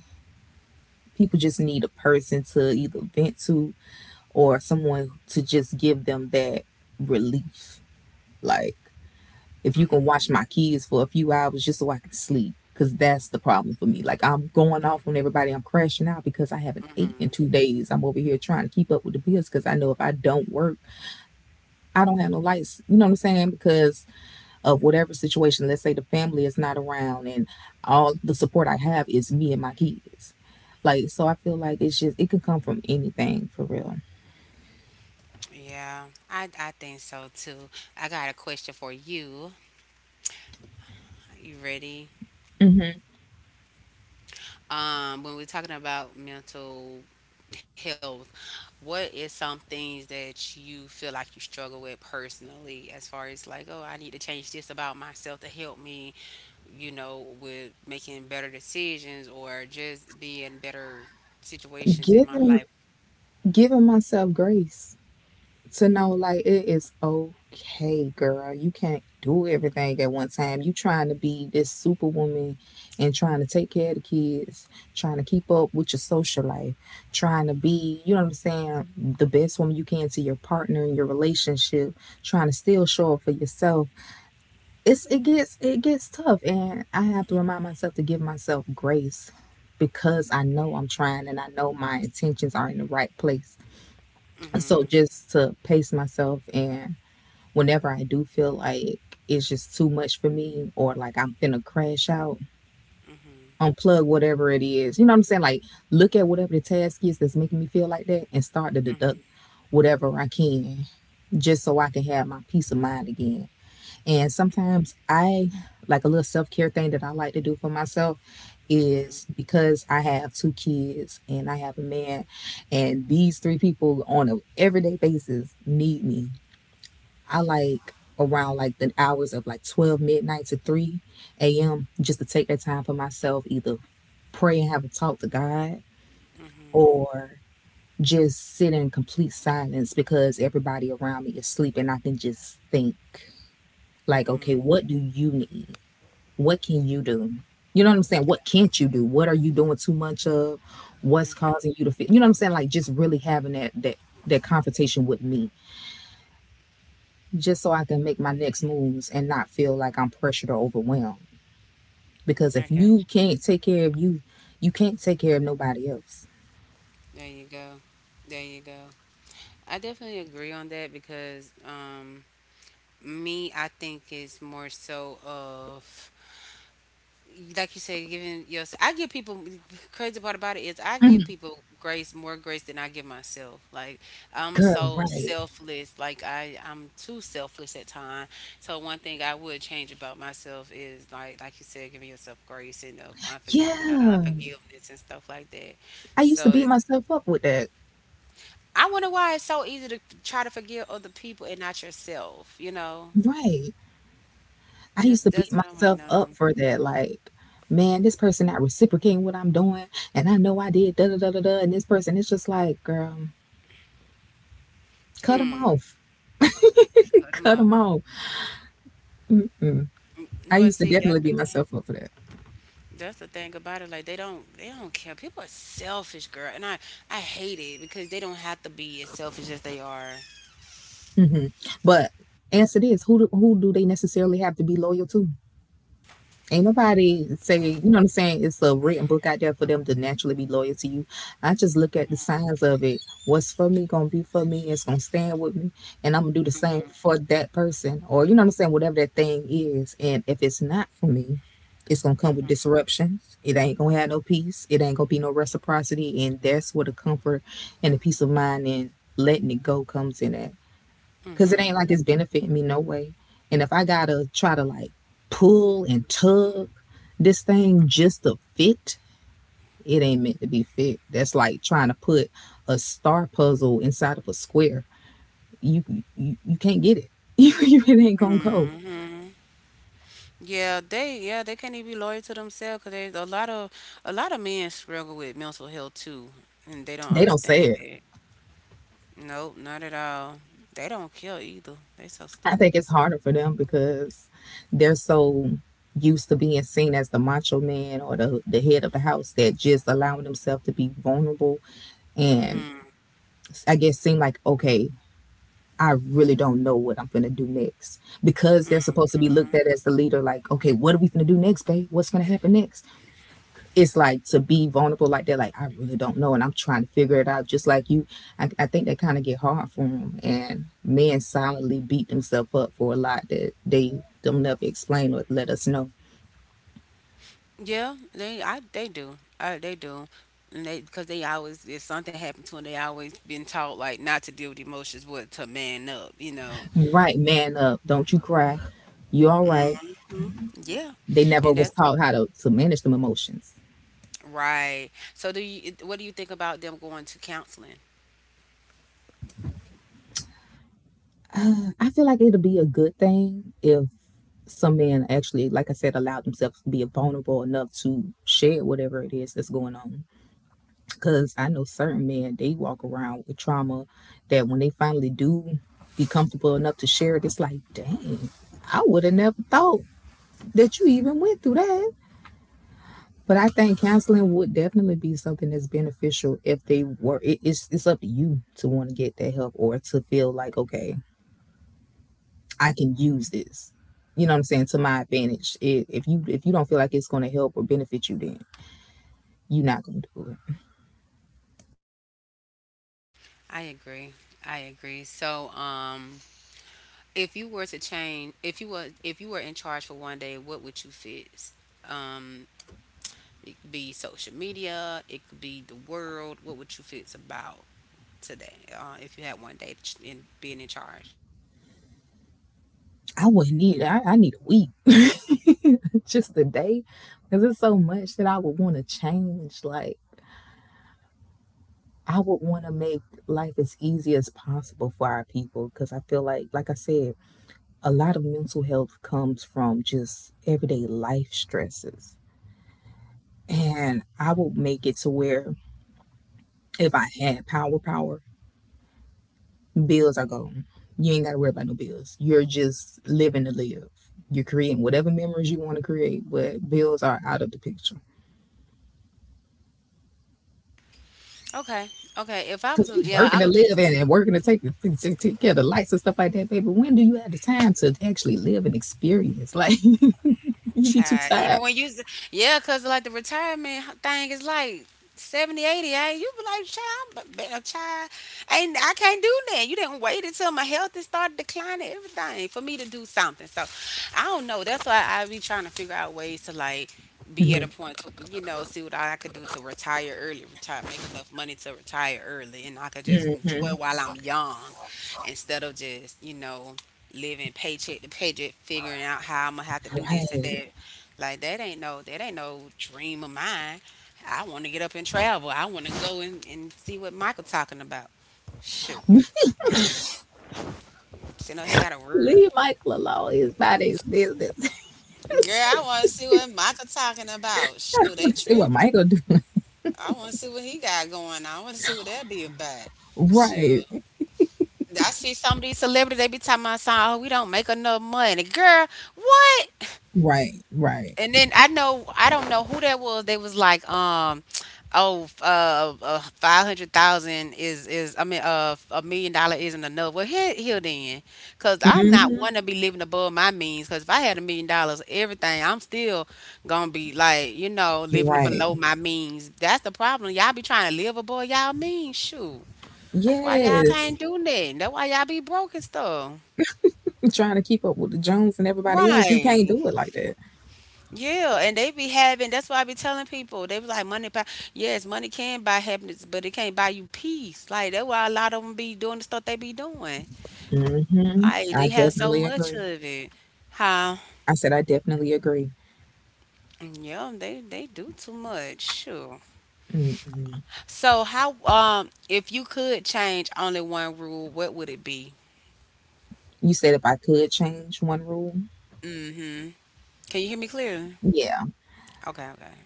B: people just need a person to either vent to or someone to just give them that relief. Like if you can watch my kids for a few hours just so I can sleep. Cause that's the problem for me. Like I'm going off on everybody. I'm crashing out because I haven't ate in 2 days. I'm over here trying to keep up with the bills because I know if I don't work, I don't have no lights. You know what I'm saying? Because of whatever situation, let's say the family is not around and all the support I have is me and my kids. Like so, I feel like it's just it could come from anything for real.
A: Yeah, I think so too. I got a question for you. You ready?
B: hmm
A: When we're talking about mental health, what is some things that you feel like you struggle with personally, as far as like, oh, I need to change this about myself to help me, you know, with making better decisions or just be in better situations in my
B: Giving
A: life?
B: giving myself grace to know like it is okay, girl. You can't do everything at one time. You trying to be this superwoman and trying to take care of the kids, trying to keep up with your social life, trying to be, you know what I'm saying, the best woman you can to your partner in your relationship, trying to still show up for yourself. It gets tough and I have to remind myself to give myself grace because I know I'm trying and I know my intentions are in the right place. So
A: Mm-hmm.
B: just to pace myself and whenever I do feel like it's just too much for me or like I'm finna crash out,
A: Mm-hmm.
B: unplug whatever it is. You know what I'm saying? Like look at whatever the task is that's making me feel like that and start to deduct whatever I can just so I can have my peace of mind again. And sometimes
A: Mm-hmm.
B: I like a little self care thing that I like to do for myself
A: Mm-hmm.
B: is because I have two kids and I have a man, and these three people on a everyday basis need me. I like around like the hours of like 12 midnight to 3 a.m. just to take that time for myself, either pray and have a talk to God
A: Mm-hmm.
B: or just sit in complete silence because everybody around me is sleeping. I can just think, like, okay,
A: Mm-hmm.
B: what do you need? What can you do? You know what I'm saying?
A: Okay.
B: What can't you do? What are you doing too much of? What's causing you
A: Mm-hmm.
B: to feel? You know what I'm saying? Like just really having that confrontation with me just so I can make my next moves and not feel like I'm pressured or overwhelmed. Because if
A: I got
B: you
A: you.
B: can't take care of you, you can't take care of nobody else.
A: There you go. There you go. I definitely agree on that because me, I think it's more so of, like you said, giving yourself. I give people, crazy part about it is I give people grace, more grace than I give myself. Like I'm
B: Girl,
A: so
B: right.
A: selfless, like I'm too selfless at times. So one thing I would change about myself is, like you said, giving yourself grace and the you know, the
B: Yeah.
A: unforgiveness and stuff like that.
B: I used to
A: So
B: beat
A: it's,
B: myself up with that.
A: I wonder why it's so easy to try to forgive other people and not yourself, you know?
B: Right. I used to
A: Just
B: beat
A: that's what I want to
B: myself up
A: know.
B: for that. Like, man, this person not reciprocating what I'm doing. And I know I did da da da da da. And this person, it's just like, girl, cut them
A: Hmm.
B: off.
A: Cut 'em
B: cut them
A: off.
B: off. Mm. I
A: But
B: used to
A: see,
B: definitely
A: that's the
B: beat
A: thing.
B: myself up for that.
A: That's the thing about it. Like they don't care. People are selfish, girl, and I hate it because they don't have to be as selfish as they are.
B: Hmm. But answer this: who do they necessarily have to be loyal to? Ain't nobody say, you know what I'm saying. It's a written book out there for them to naturally be loyal to you. I just look at the signs of it. What's for me gonna be for me. It's gonna stand with me, and I'm gonna do the same
A: Hmm.
B: for that person, or you know what I'm saying, whatever that thing is. And if it's not for me, it's gonna come with disruptions. It ain't gonna have no peace. It ain't gonna be no reciprocity, and that's where the comfort and the peace of mind and letting it go comes in at. Cause it ain't like it's benefiting me no way. And if I gotta try to like pull and tug this thing just to fit, it ain't meant to be fit. That's like trying to put a star puzzle inside of a square. You you can't get it. You, it ain't gonna go.
A: Yeah, yeah, they can't even be loyal to themselves because there's a lot of men struggle with mental health too, and they don't
B: They don't say
A: understand
B: it.
A: it. Nope, not at all. They don't care either. They so
B: I
A: stupid.
B: think it's harder for them because they're so used to being seen as the macho man or the head of the house, that just allowing themselves to be vulnerable and I guess seem like, okay, I really don't know what I'm gonna do next, because they're supposed to be looked at as the leader. Like, okay, what are we gonna do next, babe? What's gonna happen next? It's like to be vulnerable like that. Like, I really don't know, and I'm trying to figure it out. Just like you, I think they kind of get hard for them, and men silently beat themselves up for a lot that they don't never explain or let us know.
A: Yeah, they do. They do. And they, because they always, if something happened to them, they always been taught like not to deal with emotions, but to man up. You know.
B: Right, man up. Don't you cry. You all right?
A: Hmm. Yeah,
B: They never
A: and
B: was
A: that's
B: taught how to manage them emotions.
A: right. So do you? What do you think about them going to counseling?
B: I feel like it'll be a good thing if some men actually, like I said, allow themselves to be vulnerable enough to share whatever it is that's going on. Because I know certain men, they walk around with trauma that when they finally do be comfortable enough to share it, it's like, dang, I would have never thought that you even went through that. But I think counseling would definitely be something that's beneficial if they were. It's up to you to want to get that help or to feel like, okay, I can use this, you know what I'm saying, to my advantage. If you if you don't feel like it's going to help or benefit you, then you're not going to do it.
A: I agree. I agree. So if you were to change, if you were in charge for 1 day, what would you fix? Um, it could be social media. It could be the world. What would you fix about today, if you had 1 day in being in charge?
B: I wouldn't need. I need a week, just a day, because it's so much that I would want to change. Like I would want to make life as easy as possible for our people, because I feel like I said, a lot of mental health comes from just everyday life stresses. And I would make it to where if I had power, bills are gone. You ain't got to worry about no bills. You're just living to live. You're creating whatever memories you want to create, but bills are out of the picture.
A: Okay. Okay. If I
B: Because
A: was, a,
B: we
A: yeah,
B: working
A: I
B: to
A: would do this.
B: live, and working to take care of the lights and stuff like that, baby. When do you have the time to actually live and experience? Like, you be too
A: Child,
B: tired.
A: even when you, yeah, cause like the retirement thing is like 70, 80, 80, eh? You be like, child, a child, ain't I can't do that. You didn't wait until my health is started declining, everything for me to do something. So I don't know. That's why I be trying to figure out ways to like be at
B: Hmm.
A: a point to, you know, see what I could do to retire early, retire, make enough money to retire early, and I could just enjoy
B: Hmm.
A: while I'm young instead of just, you know, living paycheck to paycheck, figuring out how I'm gonna have to do this and
B: Right.
A: that. Like that ain't no dream of mine. I want to get up and travel. I want to go and see what Michael talking about. Shoot, sitting up here got a word.
B: Leave Michael alone. It's about
A: Girl,
B: his body is business.
A: I want to see what Michael talking about.
B: I
A: Shoot, they
B: want to see what
A: tripping.
B: Michael do.
A: I want to see what he got going on. I want to see what that be about. Shoot.
B: Right.
A: I see some of these celebrities they be talking about, "Oh, we don't make enough money, girl. What?"
B: Right. Right.
A: And then I know, I don't know who that was. They was like, oh, 500,000 is I mean, 1 million dollar isn't enough. Well, here, here then, cause I'm not
B: Hmm.
A: one to be living above my means. Cause if I had $1 million, everything, I'm still gonna be like, you know, living
B: Right.
A: below my means. That's the problem. Y'all be trying to live above y'all means. Shoot, why y'all
B: Yes.
A: can't do that? That why y'all be broke and stuff.
B: Trying to keep up with the Jones and everybody else. You can't
A: Right.
B: do it like that.
A: Yeah, and they be having. That's why I be telling people. They was like, money, buy, yes, money can buy happiness, but it can't buy you peace. Like that's why a lot of them be doing the stuff they be doing.
B: Hmm.
A: Like
B: I
A: they have so
B: definitely
A: much
B: agree.
A: of it. How?
B: I said I definitely agree.
A: Yeah, they do too much. Sure.
B: Mm-mm.
A: So how? If you could change only one rule, what would it be?
B: You said if I could change one rule.
A: Mm-hmm. Can you hear me clearly?
B: Yeah,
A: Okay. Okay.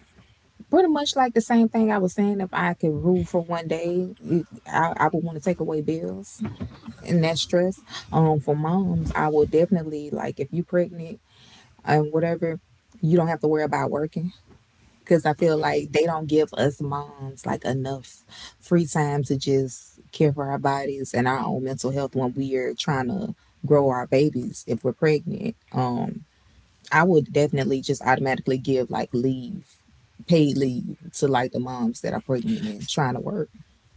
B: pretty much like the same thing I was saying. If I could rule for one day, I would want to take away bills and that stress. For moms, I would definitely like, if you're pregnant and whatever, you don't have to worry about working, because I feel
A: Hmm.
B: like they don't give us moms like enough free time to just care for our bodies and our own mental health when we are trying to grow our babies if we're pregnant. I would definitely just automatically give like leave, paid leave to like the moms that are pregnant and trying to work.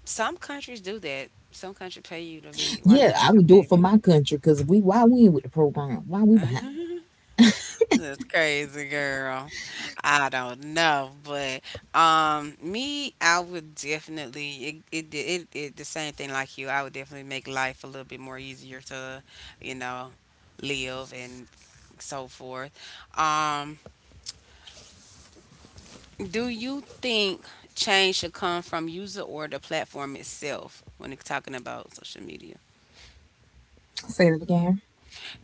A: Some countries do that. Some countries pay you to be while you
B: Yeah, I
A: got your
B: would do it
A: baby.
B: for my country, because we why we ain't with the program? Why we behind?
A: That's crazy, girl. I don't know, but me, I would definitely it it, it it the same thing like you. I would definitely make life a little bit more easier to, you know, live and so forth. Um, do you think change should come from user or the platform itself when it's talking about social media?
B: Say that again.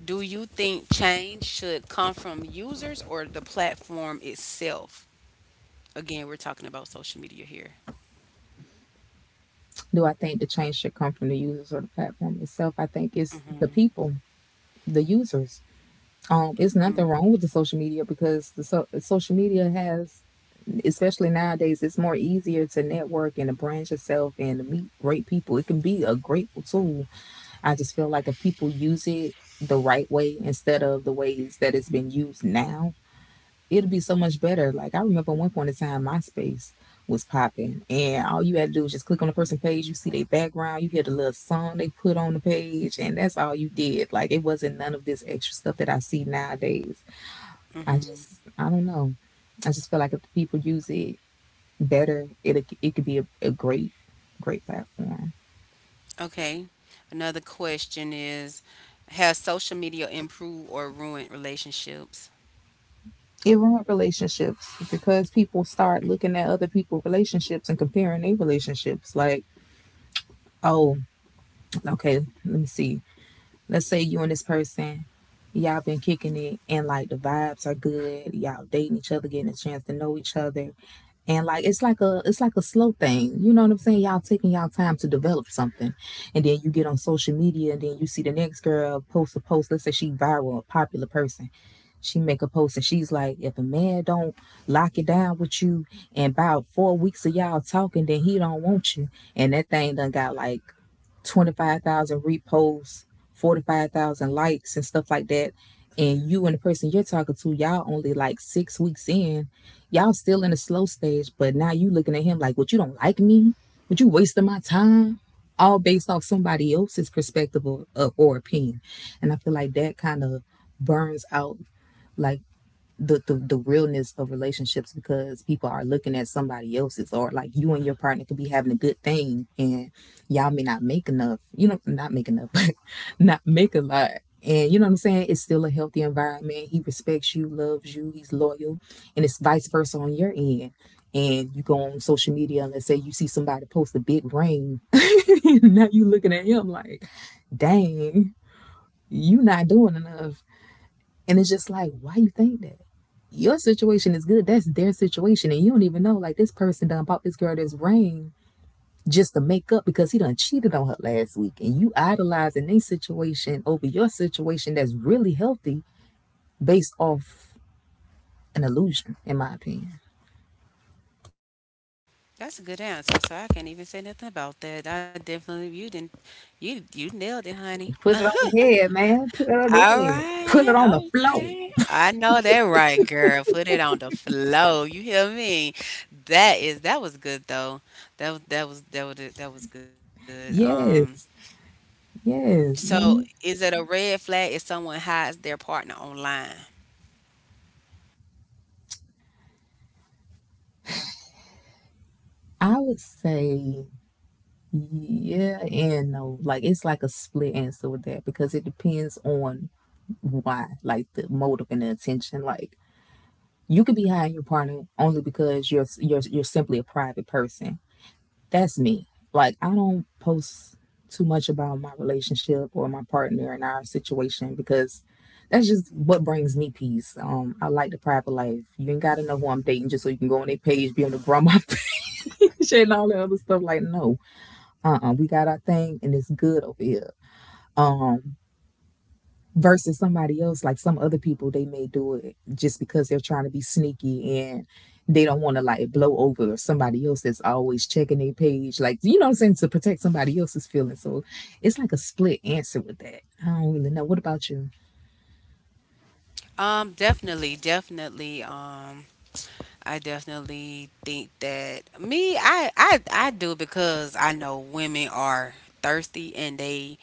A: Do you think change should come from users or the platform itself? Again, we're talking about social media here.
B: Do I think the change should come from the users or the platform itself? I think it's the
A: Mm,
B: people, the users, it's nothing wrong with the social media because the social media has, especially nowadays, it's more easier to network and to branch yourself and to meet great people. It can be a grateful tool. I just feel like if people use it the right way instead of the ways that it's been used now, it'll be so much better. Like I remember one point in time, MySpace was popping, and all you had to do was just click on the person page. You see their background, you hear the little song they put on the page, and that's all you did. Like it wasn't none of this extra stuff that I see nowadays.
A: mhm.
B: I don't know. I just feel like if the people use it better, it could be a great, great platform.
A: Okay. Another question is, has social media improved or ruined relationships?
B: It ruined relationships because people start looking at other people's relationships and comparing their relationships. Like, oh, okay, let me see. Let's say you and this person, y'all been kicking it, and like the vibes are good. Y'all dating each other, getting a chance to know each other, and like it's like a slow thing, you know what I'm saying. Y'all taking y'all time to develop something, and then you get on social media, and then you see the next girl post a post. Let's say she viral, a popular person. She make a post, and she's like, if a man don't lock it down with you and about 4 weeks of y'all talking, then he don't want you. And that thing done got like 25,000 reposts, 45,000 likes, and stuff like that. And you and the person you're talking to, y'all only like 6 weeks in, y'all still in the slow stage, but now you looking at him like, what, you don't like me? Would you wasting my time? All based off somebody else's perspective, or opinion. And I feel like that kind of burns out like the realness of relationships, because people are looking at somebody else's. Or like, you and your partner could be having a good thing, and y'all may not make enough, you know, not make enough not make a lot, and you know what I'm saying, it's still a healthy environment. He respects you, loves you, he's loyal, and it's vice versa on your end. And you go on social media, and let's say you see somebody post a big ring, now you looking at him like, dang, you not doing enough. And it's just like, why you think that? Your situation is good. That's their situation, and you don't even know. Like this person done bought this girl this ring just to make up because he done cheated on her last week. And you idolizing their situation over your situation that's really healthy, based off an illusion, in my opinion.
A: That's a good answer. So I can't even say nothing about that. I definitely, you didn't you you nailed it, honey.
B: Put it on the head, man. Put it on the
A: All
B: head. Put it on the
A: right,
B: floor.
A: okay. I know that right, girl. Put it on the flow. You hear me? That is, that was good though. That was good.
B: Yes. Yes,
A: So is
B: man.
A: it a red flag if someone hides their partner online?
B: I would say yeah and no. Like it's like a split answer with that, because it depends on why, like the motive and the intention. Like you could be high on your partner only because you're simply a private person. That's me. Like I don't post too much about my relationship or my partner and our situation because that's just what brings me peace. I like the private life. You ain't gotta know who I'm dating just so you can go on their page, be on the grandma page, and all that other stuff. Like, no, we got our thing, and it's good over here. Um, versus somebody else. Like some other people, they may do it just because they're trying to be sneaky and they don't want to like blow over somebody else that's always checking their page, like you know what I'm saying, to protect somebody else's feelings. So it's like a split answer with that. I don't really know. What about you?
A: Definitely, definitely. I definitely think that me, I do it because I know women are thirsty and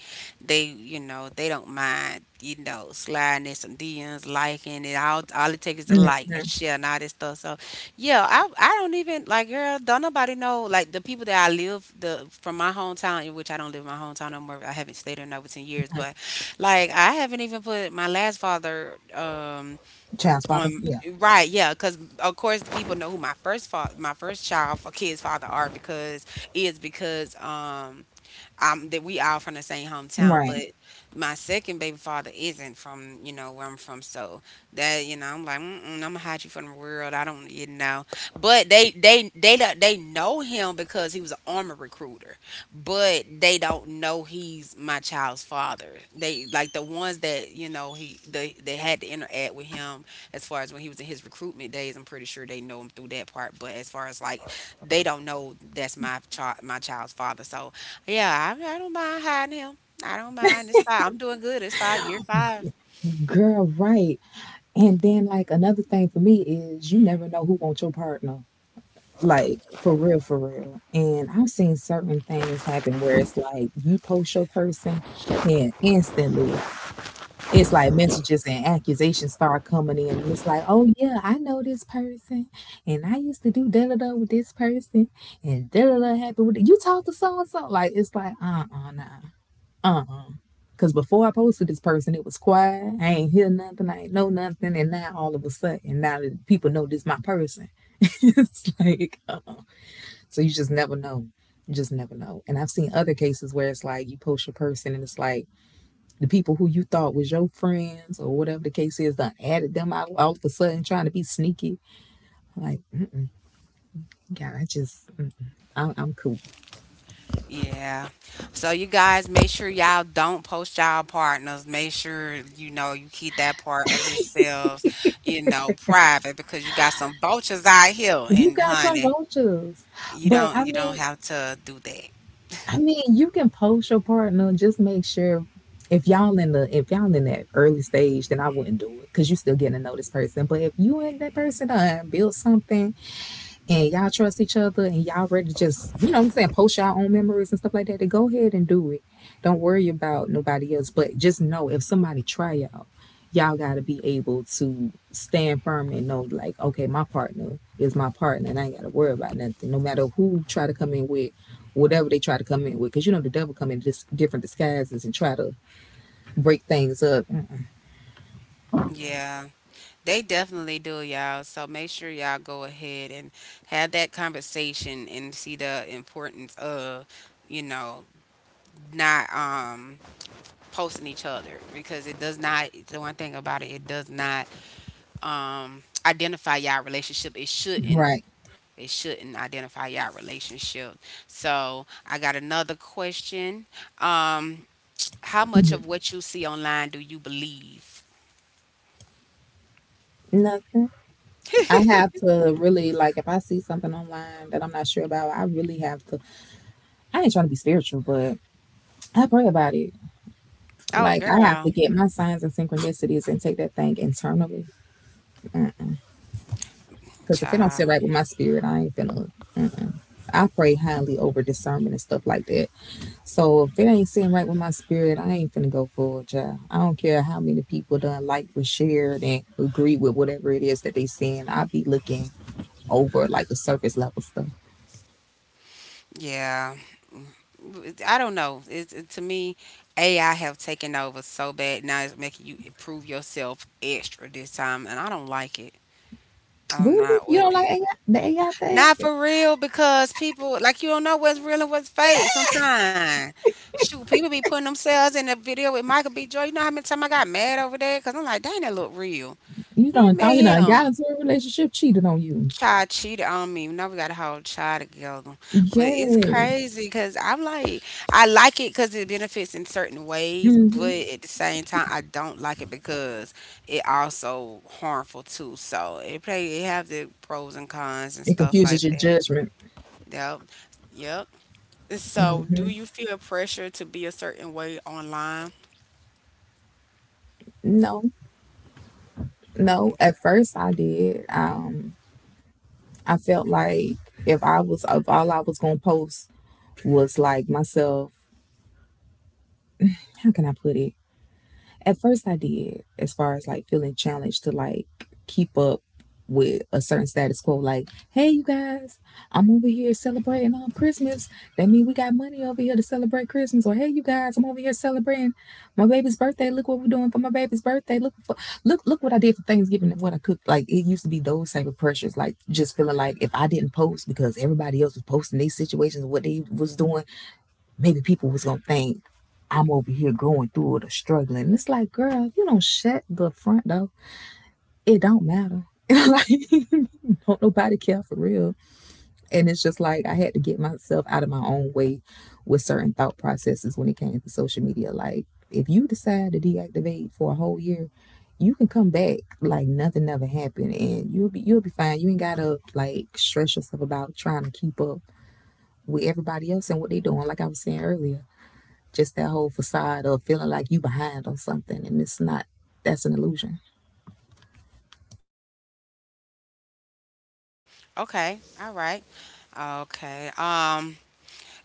A: they, you know, they don't mind, you know, sliding in some DMs, liking it. All it takes is a like
B: Mm-hmm.
A: and share and all this stuff. So, yeah, I don't even like, girl. Don't nobody know, like the people that I live the from my hometown, in which I don't live in my hometown no more. I haven't stayed there in over 10 years, but like I haven't even put my last father.
B: Child's father,
A: Um,
B: yeah.
A: right, yeah, because of course people know who my my first child for kids father are because is because I'm that we all from the same hometown,
B: Right,
A: but my second baby father isn't from, you know, where I'm from, so that, you know, I'm like, mm-mm, I'm gonna hide you from the world. I don't, you know, but they don't- they know him because he was an army recruiter, but they don't know he's my child's father. They like the ones that, you know, he they had to interact with him as far as when he was in his recruitment days. I'm pretty sure they know him through that part. But as far as like, they don't know that's my child, my child's father. So yeah, I don't mind hiding him. I don't mind. It's fine. I'm doing good. It's five. Year five.
B: girl, right. And then like another thing for me is you never know who wants your partner. Like for real, for real. And I've seen certain things happen where it's like you post your person and instantly it's like messages and accusations start coming in. And it's like, oh yeah, I know this person. And I used to do da da da with this person and da da da happened with you talk to so and so. Like it's like, uh, nah. Uh uh. Because before I posted this person, it was quiet. I ain't hear nothing. I ain't know nothing. And now all of a sudden, now that people know this my person, it's like, uh-uh. So you just never know. You just never know. And I've seen other cases where it's like you post your person and it's like the people who you thought was your friends or whatever the case is, done added them out all of a sudden trying to be sneaky. Like, God, I just, I'm cool.
A: Yeah. So you guys, make sure y'all don't post y'all partners. Make sure you know, you keep that part of yourselves, you know, private because you got some vultures out here,
B: You
A: and
B: got some
A: honey,
B: vultures. But I
A: you don't
B: mean,
A: have to do that.
B: I mean, you can post your partner. Just make sure if y'all in that early stage, then I wouldn't do it because you still getting to know this person. But if you and that person done built something and y'all trust each other and y'all ready to just, you know what I'm saying, post y'all own memories and stuff like that, then go ahead and do it. Don't worry about nobody else. But just know if somebody try y'all, y'all gotta be able to stand firm and know like, okay, my partner is my partner and I ain't gotta worry about nothing. No matter who try to come in with whatever they try to come in with, because you know the devil come in different disguises and try to break things up.
A: Yeah. They definitely do, y'all. So make sure y'all go ahead and have that conversation and see the importance of, you know, not posting each other because it does not, the one thing about it, it does not identify y'all relationship. It shouldn't.
B: Right.
A: It shouldn't identify y'all relationship. So I got another question. Um, how much
B: Mm-hmm.
A: of what you see online do you believe?
B: Nothing. I have to really like if I see something online that I'm not sure about, I really have to, I ain't trying to be spiritual, but I pray about it.
A: Oh
B: Like I have
A: girl.
B: to get my signs and synchronicities and take that thing internally. Because if it don't sit
A: Child.
B: right with my spirit, I ain't finna. Mm-mm. I pray highly over discernment and stuff like that. So if it ain't sitting right with my spirit, I ain't finna go for a job. I don't care how many people done like, or shared, and agree with whatever it is that they saying. I be looking over like the surface level stuff.
A: Yeah. I don't know. It's it, to me, AI have taken over so bad now. It's making you prove yourself extra this time, and I don't like it. I'm
B: Really?
A: not
B: You don't
A: with
B: like
A: it.
B: AI, the AI
A: Not
B: thing?
A: for real because people, like, you don't know what's real and what's fake. Sometimes, shoot, people be putting themselves in a video with Michael B. Jordan. You know how many times I got mad over that because I'm like, dang, that look real.
B: You
A: We
B: don't
A: mad
B: thought you done got
A: him.
B: into a relationship, cheated on you.
A: Child cheated on me. Now we got a whole child together. But it's
B: Yeah.
A: crazy because I'm like, I like it because it benefits in certain ways,
B: Hmm.
A: but at the same time, I don't like it because it also harmful too. So it play, it have the pros and cons and
B: It
A: stuff
B: confuses
A: like
B: your
A: that.
B: judgment.
A: Yep. Yep. So do you feel pressure to be a certain way online?
B: No, no. At first, I did. I felt like if I was, if all I was gonna post was like myself. How can I put it? At first, I did, as far as like feeling challenged to like keep up with a certain status quo. Like, hey, you guys, I'm over here celebrating Christmas. That means we got money over here to celebrate Christmas. Or hey, you guys, I'm over here celebrating my baby's birthday. Look what we're doing for my baby's birthday. Look what I did for Thanksgiving and what I cooked. Like it used to be those type of pressures. Like just feeling like if I didn't post because everybody else was posting their situations, and what they was doing, maybe people was gonna think I'm over here going through it or struggling. And it's like, girl, if you don't shut the front door, it don't matter. And like, don't nobody care for real. And it's just like I had to get myself out of my own way with certain thought processes when it came to social media. Like, if you decide to deactivate for a whole year, you can come back like nothing never happened, and you'll be fine. You ain't gotta like stress yourself about trying to keep up with everybody else and what they doing. Like I was saying earlier, just that whole facade of feeling like you behind on something and it's not, that's an illusion.
A: Okay. All right. Okay.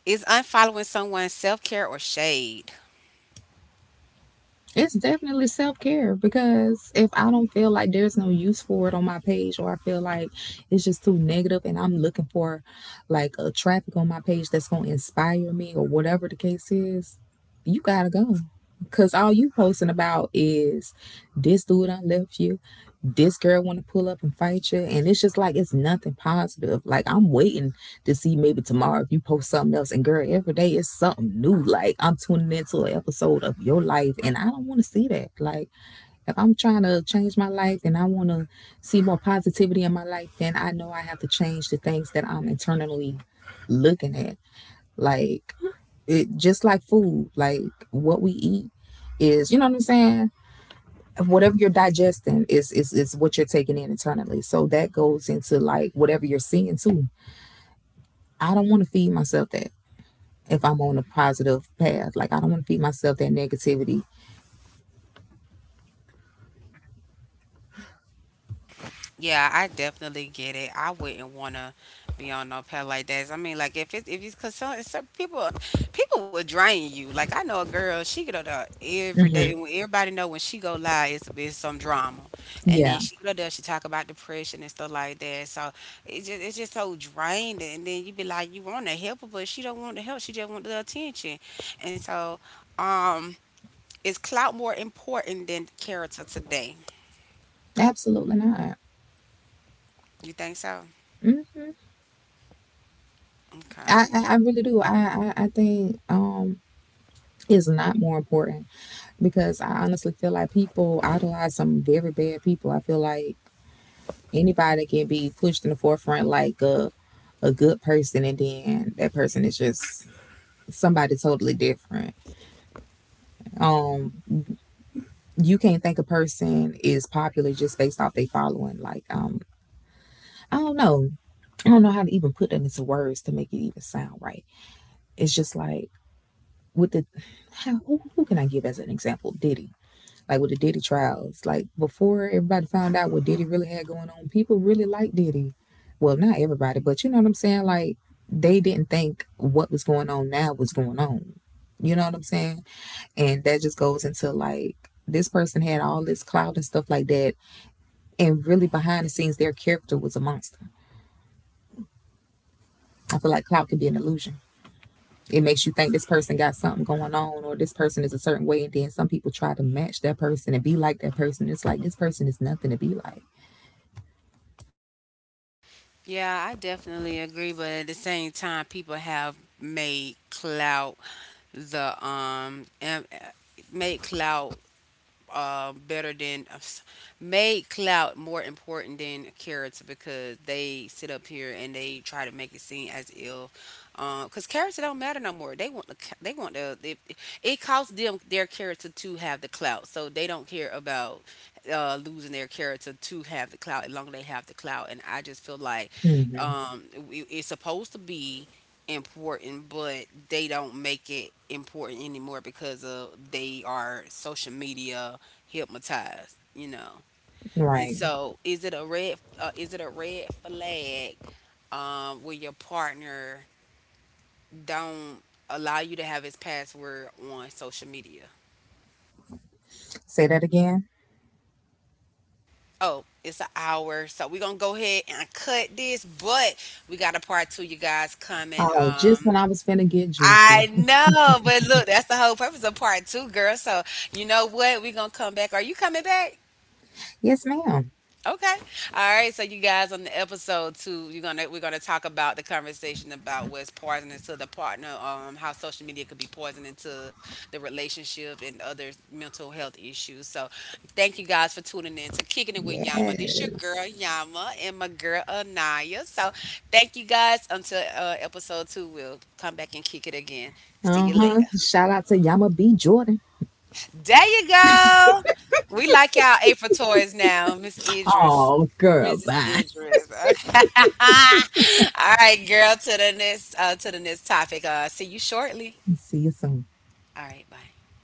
A: Is unfollowing someone self-care or shade?
B: It's definitely self care because if I don't feel like there's no use for it on my page or I feel like it's just too negative and I'm looking for like a traffic on my page that's gonna inspire me or whatever the case is, you gotta go. Cause all you posting about is this dude done left you, this girl want to pull up and fight you and it's just like it's nothing positive, like I'm waiting to see maybe tomorrow if you post something else. And girl, every day is something new. Like I'm tuning into an episode of your life, and I don't want to see that. Like if I'm trying to change my life and I want to see more positivity in my life, then I know I have to change the things that I'm internally looking at. Like it just like food, like what we eat is, you know what I'm saying? Whatever you're digesting is what you're taking in internally. So that goes into like whatever you're seeing too. I don't want to feed myself that, if I'm on a positive path. Like I don't want to feed myself that negativity.
A: Yeah, I definitely get it. I wouldn't want to be on no pad like that. I mean, like if it's, if it's, cause some people, people would drain you. Like I know a girl, she get up there every day,
B: Hmm.
A: and when everybody know when she go live, it's some drama, and then
B: Yeah,
A: she go up there, she talk about depression and stuff like that. So it's just, it's just so drained, and then you be like, you want to help her, but she don't want the help. She just want the attention, and so um, is clout more important than character today?
B: absolutely not.
A: You think so?
B: Hmm. I,
A: Okay.
B: I I really do. I think is not more important because I honestly feel like people idolize some very bad people. I feel like anybody can be pushed in the forefront like a good person and then that person is just somebody totally different. Um you can't think a person is popular just based off they following. Like I don't know. I don't know how to even put that into words to make it even sound right. It's just like with the how who can I give as an example? Diddy, like with the Diddy trials, like before everybody found out what Diddy really had going on, people really liked Diddy. Well, not everybody, but you know what I'm saying. Like they didn't think what was going on now was going on. You know what I'm saying? And that just goes into like this person had all this clout and stuff like that, and really behind the scenes, their character was a monster. I feel like clout could be an illusion. It makes you think this person got something going on or this person is a certain way. And then some people try to match that person and be like that person. It's like this person is nothing to be like.
A: Yeah, I definitely agree, but at the same time, people have made clout the made clout, better than, made clout more important than character because they sit up here and they try to make it seem as ill. Because character don't matter no more. They want they want it costs them their character to have the clout, so they don't care about losing their character to have the clout. As long as they have the clout, and I just feel like
B: Hmm.
A: um, it- it's supposed to be important, but they don't make it important anymore because of they are social media hypnotized, you know. And
B: Right.
A: so, is it a red is it a red flag when your partner don't allow you to have his password on social media?
B: Say that again.
A: Oh, it's an hour, so we're gonna go ahead and cut this. But we got a part 2, you guys coming.
B: Oh, just when I was finna get
A: I
B: juicy.
A: know, but look, that's the whole purpose of part 2, girl. So you know what? We're gonna come back. Are you coming back?
B: Yes, ma'am.
A: Okay. All right. So you guys, on the episode 2, you're gonna, we're gonna talk about the conversation about what's poisoning to the partner, how social media could be poisoning to the relationship and other mental health issues. So thank you guys for tuning in to Kicking It with Yama. This your girl
B: Yes.
A: Yama and my girl Anaya. So thank you guys until episode 2. We'll come back and kick it again. See
B: Uh
A: you
B: huh.
A: later.
B: Shout out to Yama B. Jordan.
A: There you go. We like y'all April toys now, Miss Idris.
B: Oh, girl.
A: Mrs.
B: Bye.
A: Idris. Okay. All right, girl, to the next, to the next topic. Uh, see you shortly.
B: See you soon.
A: All right, bye.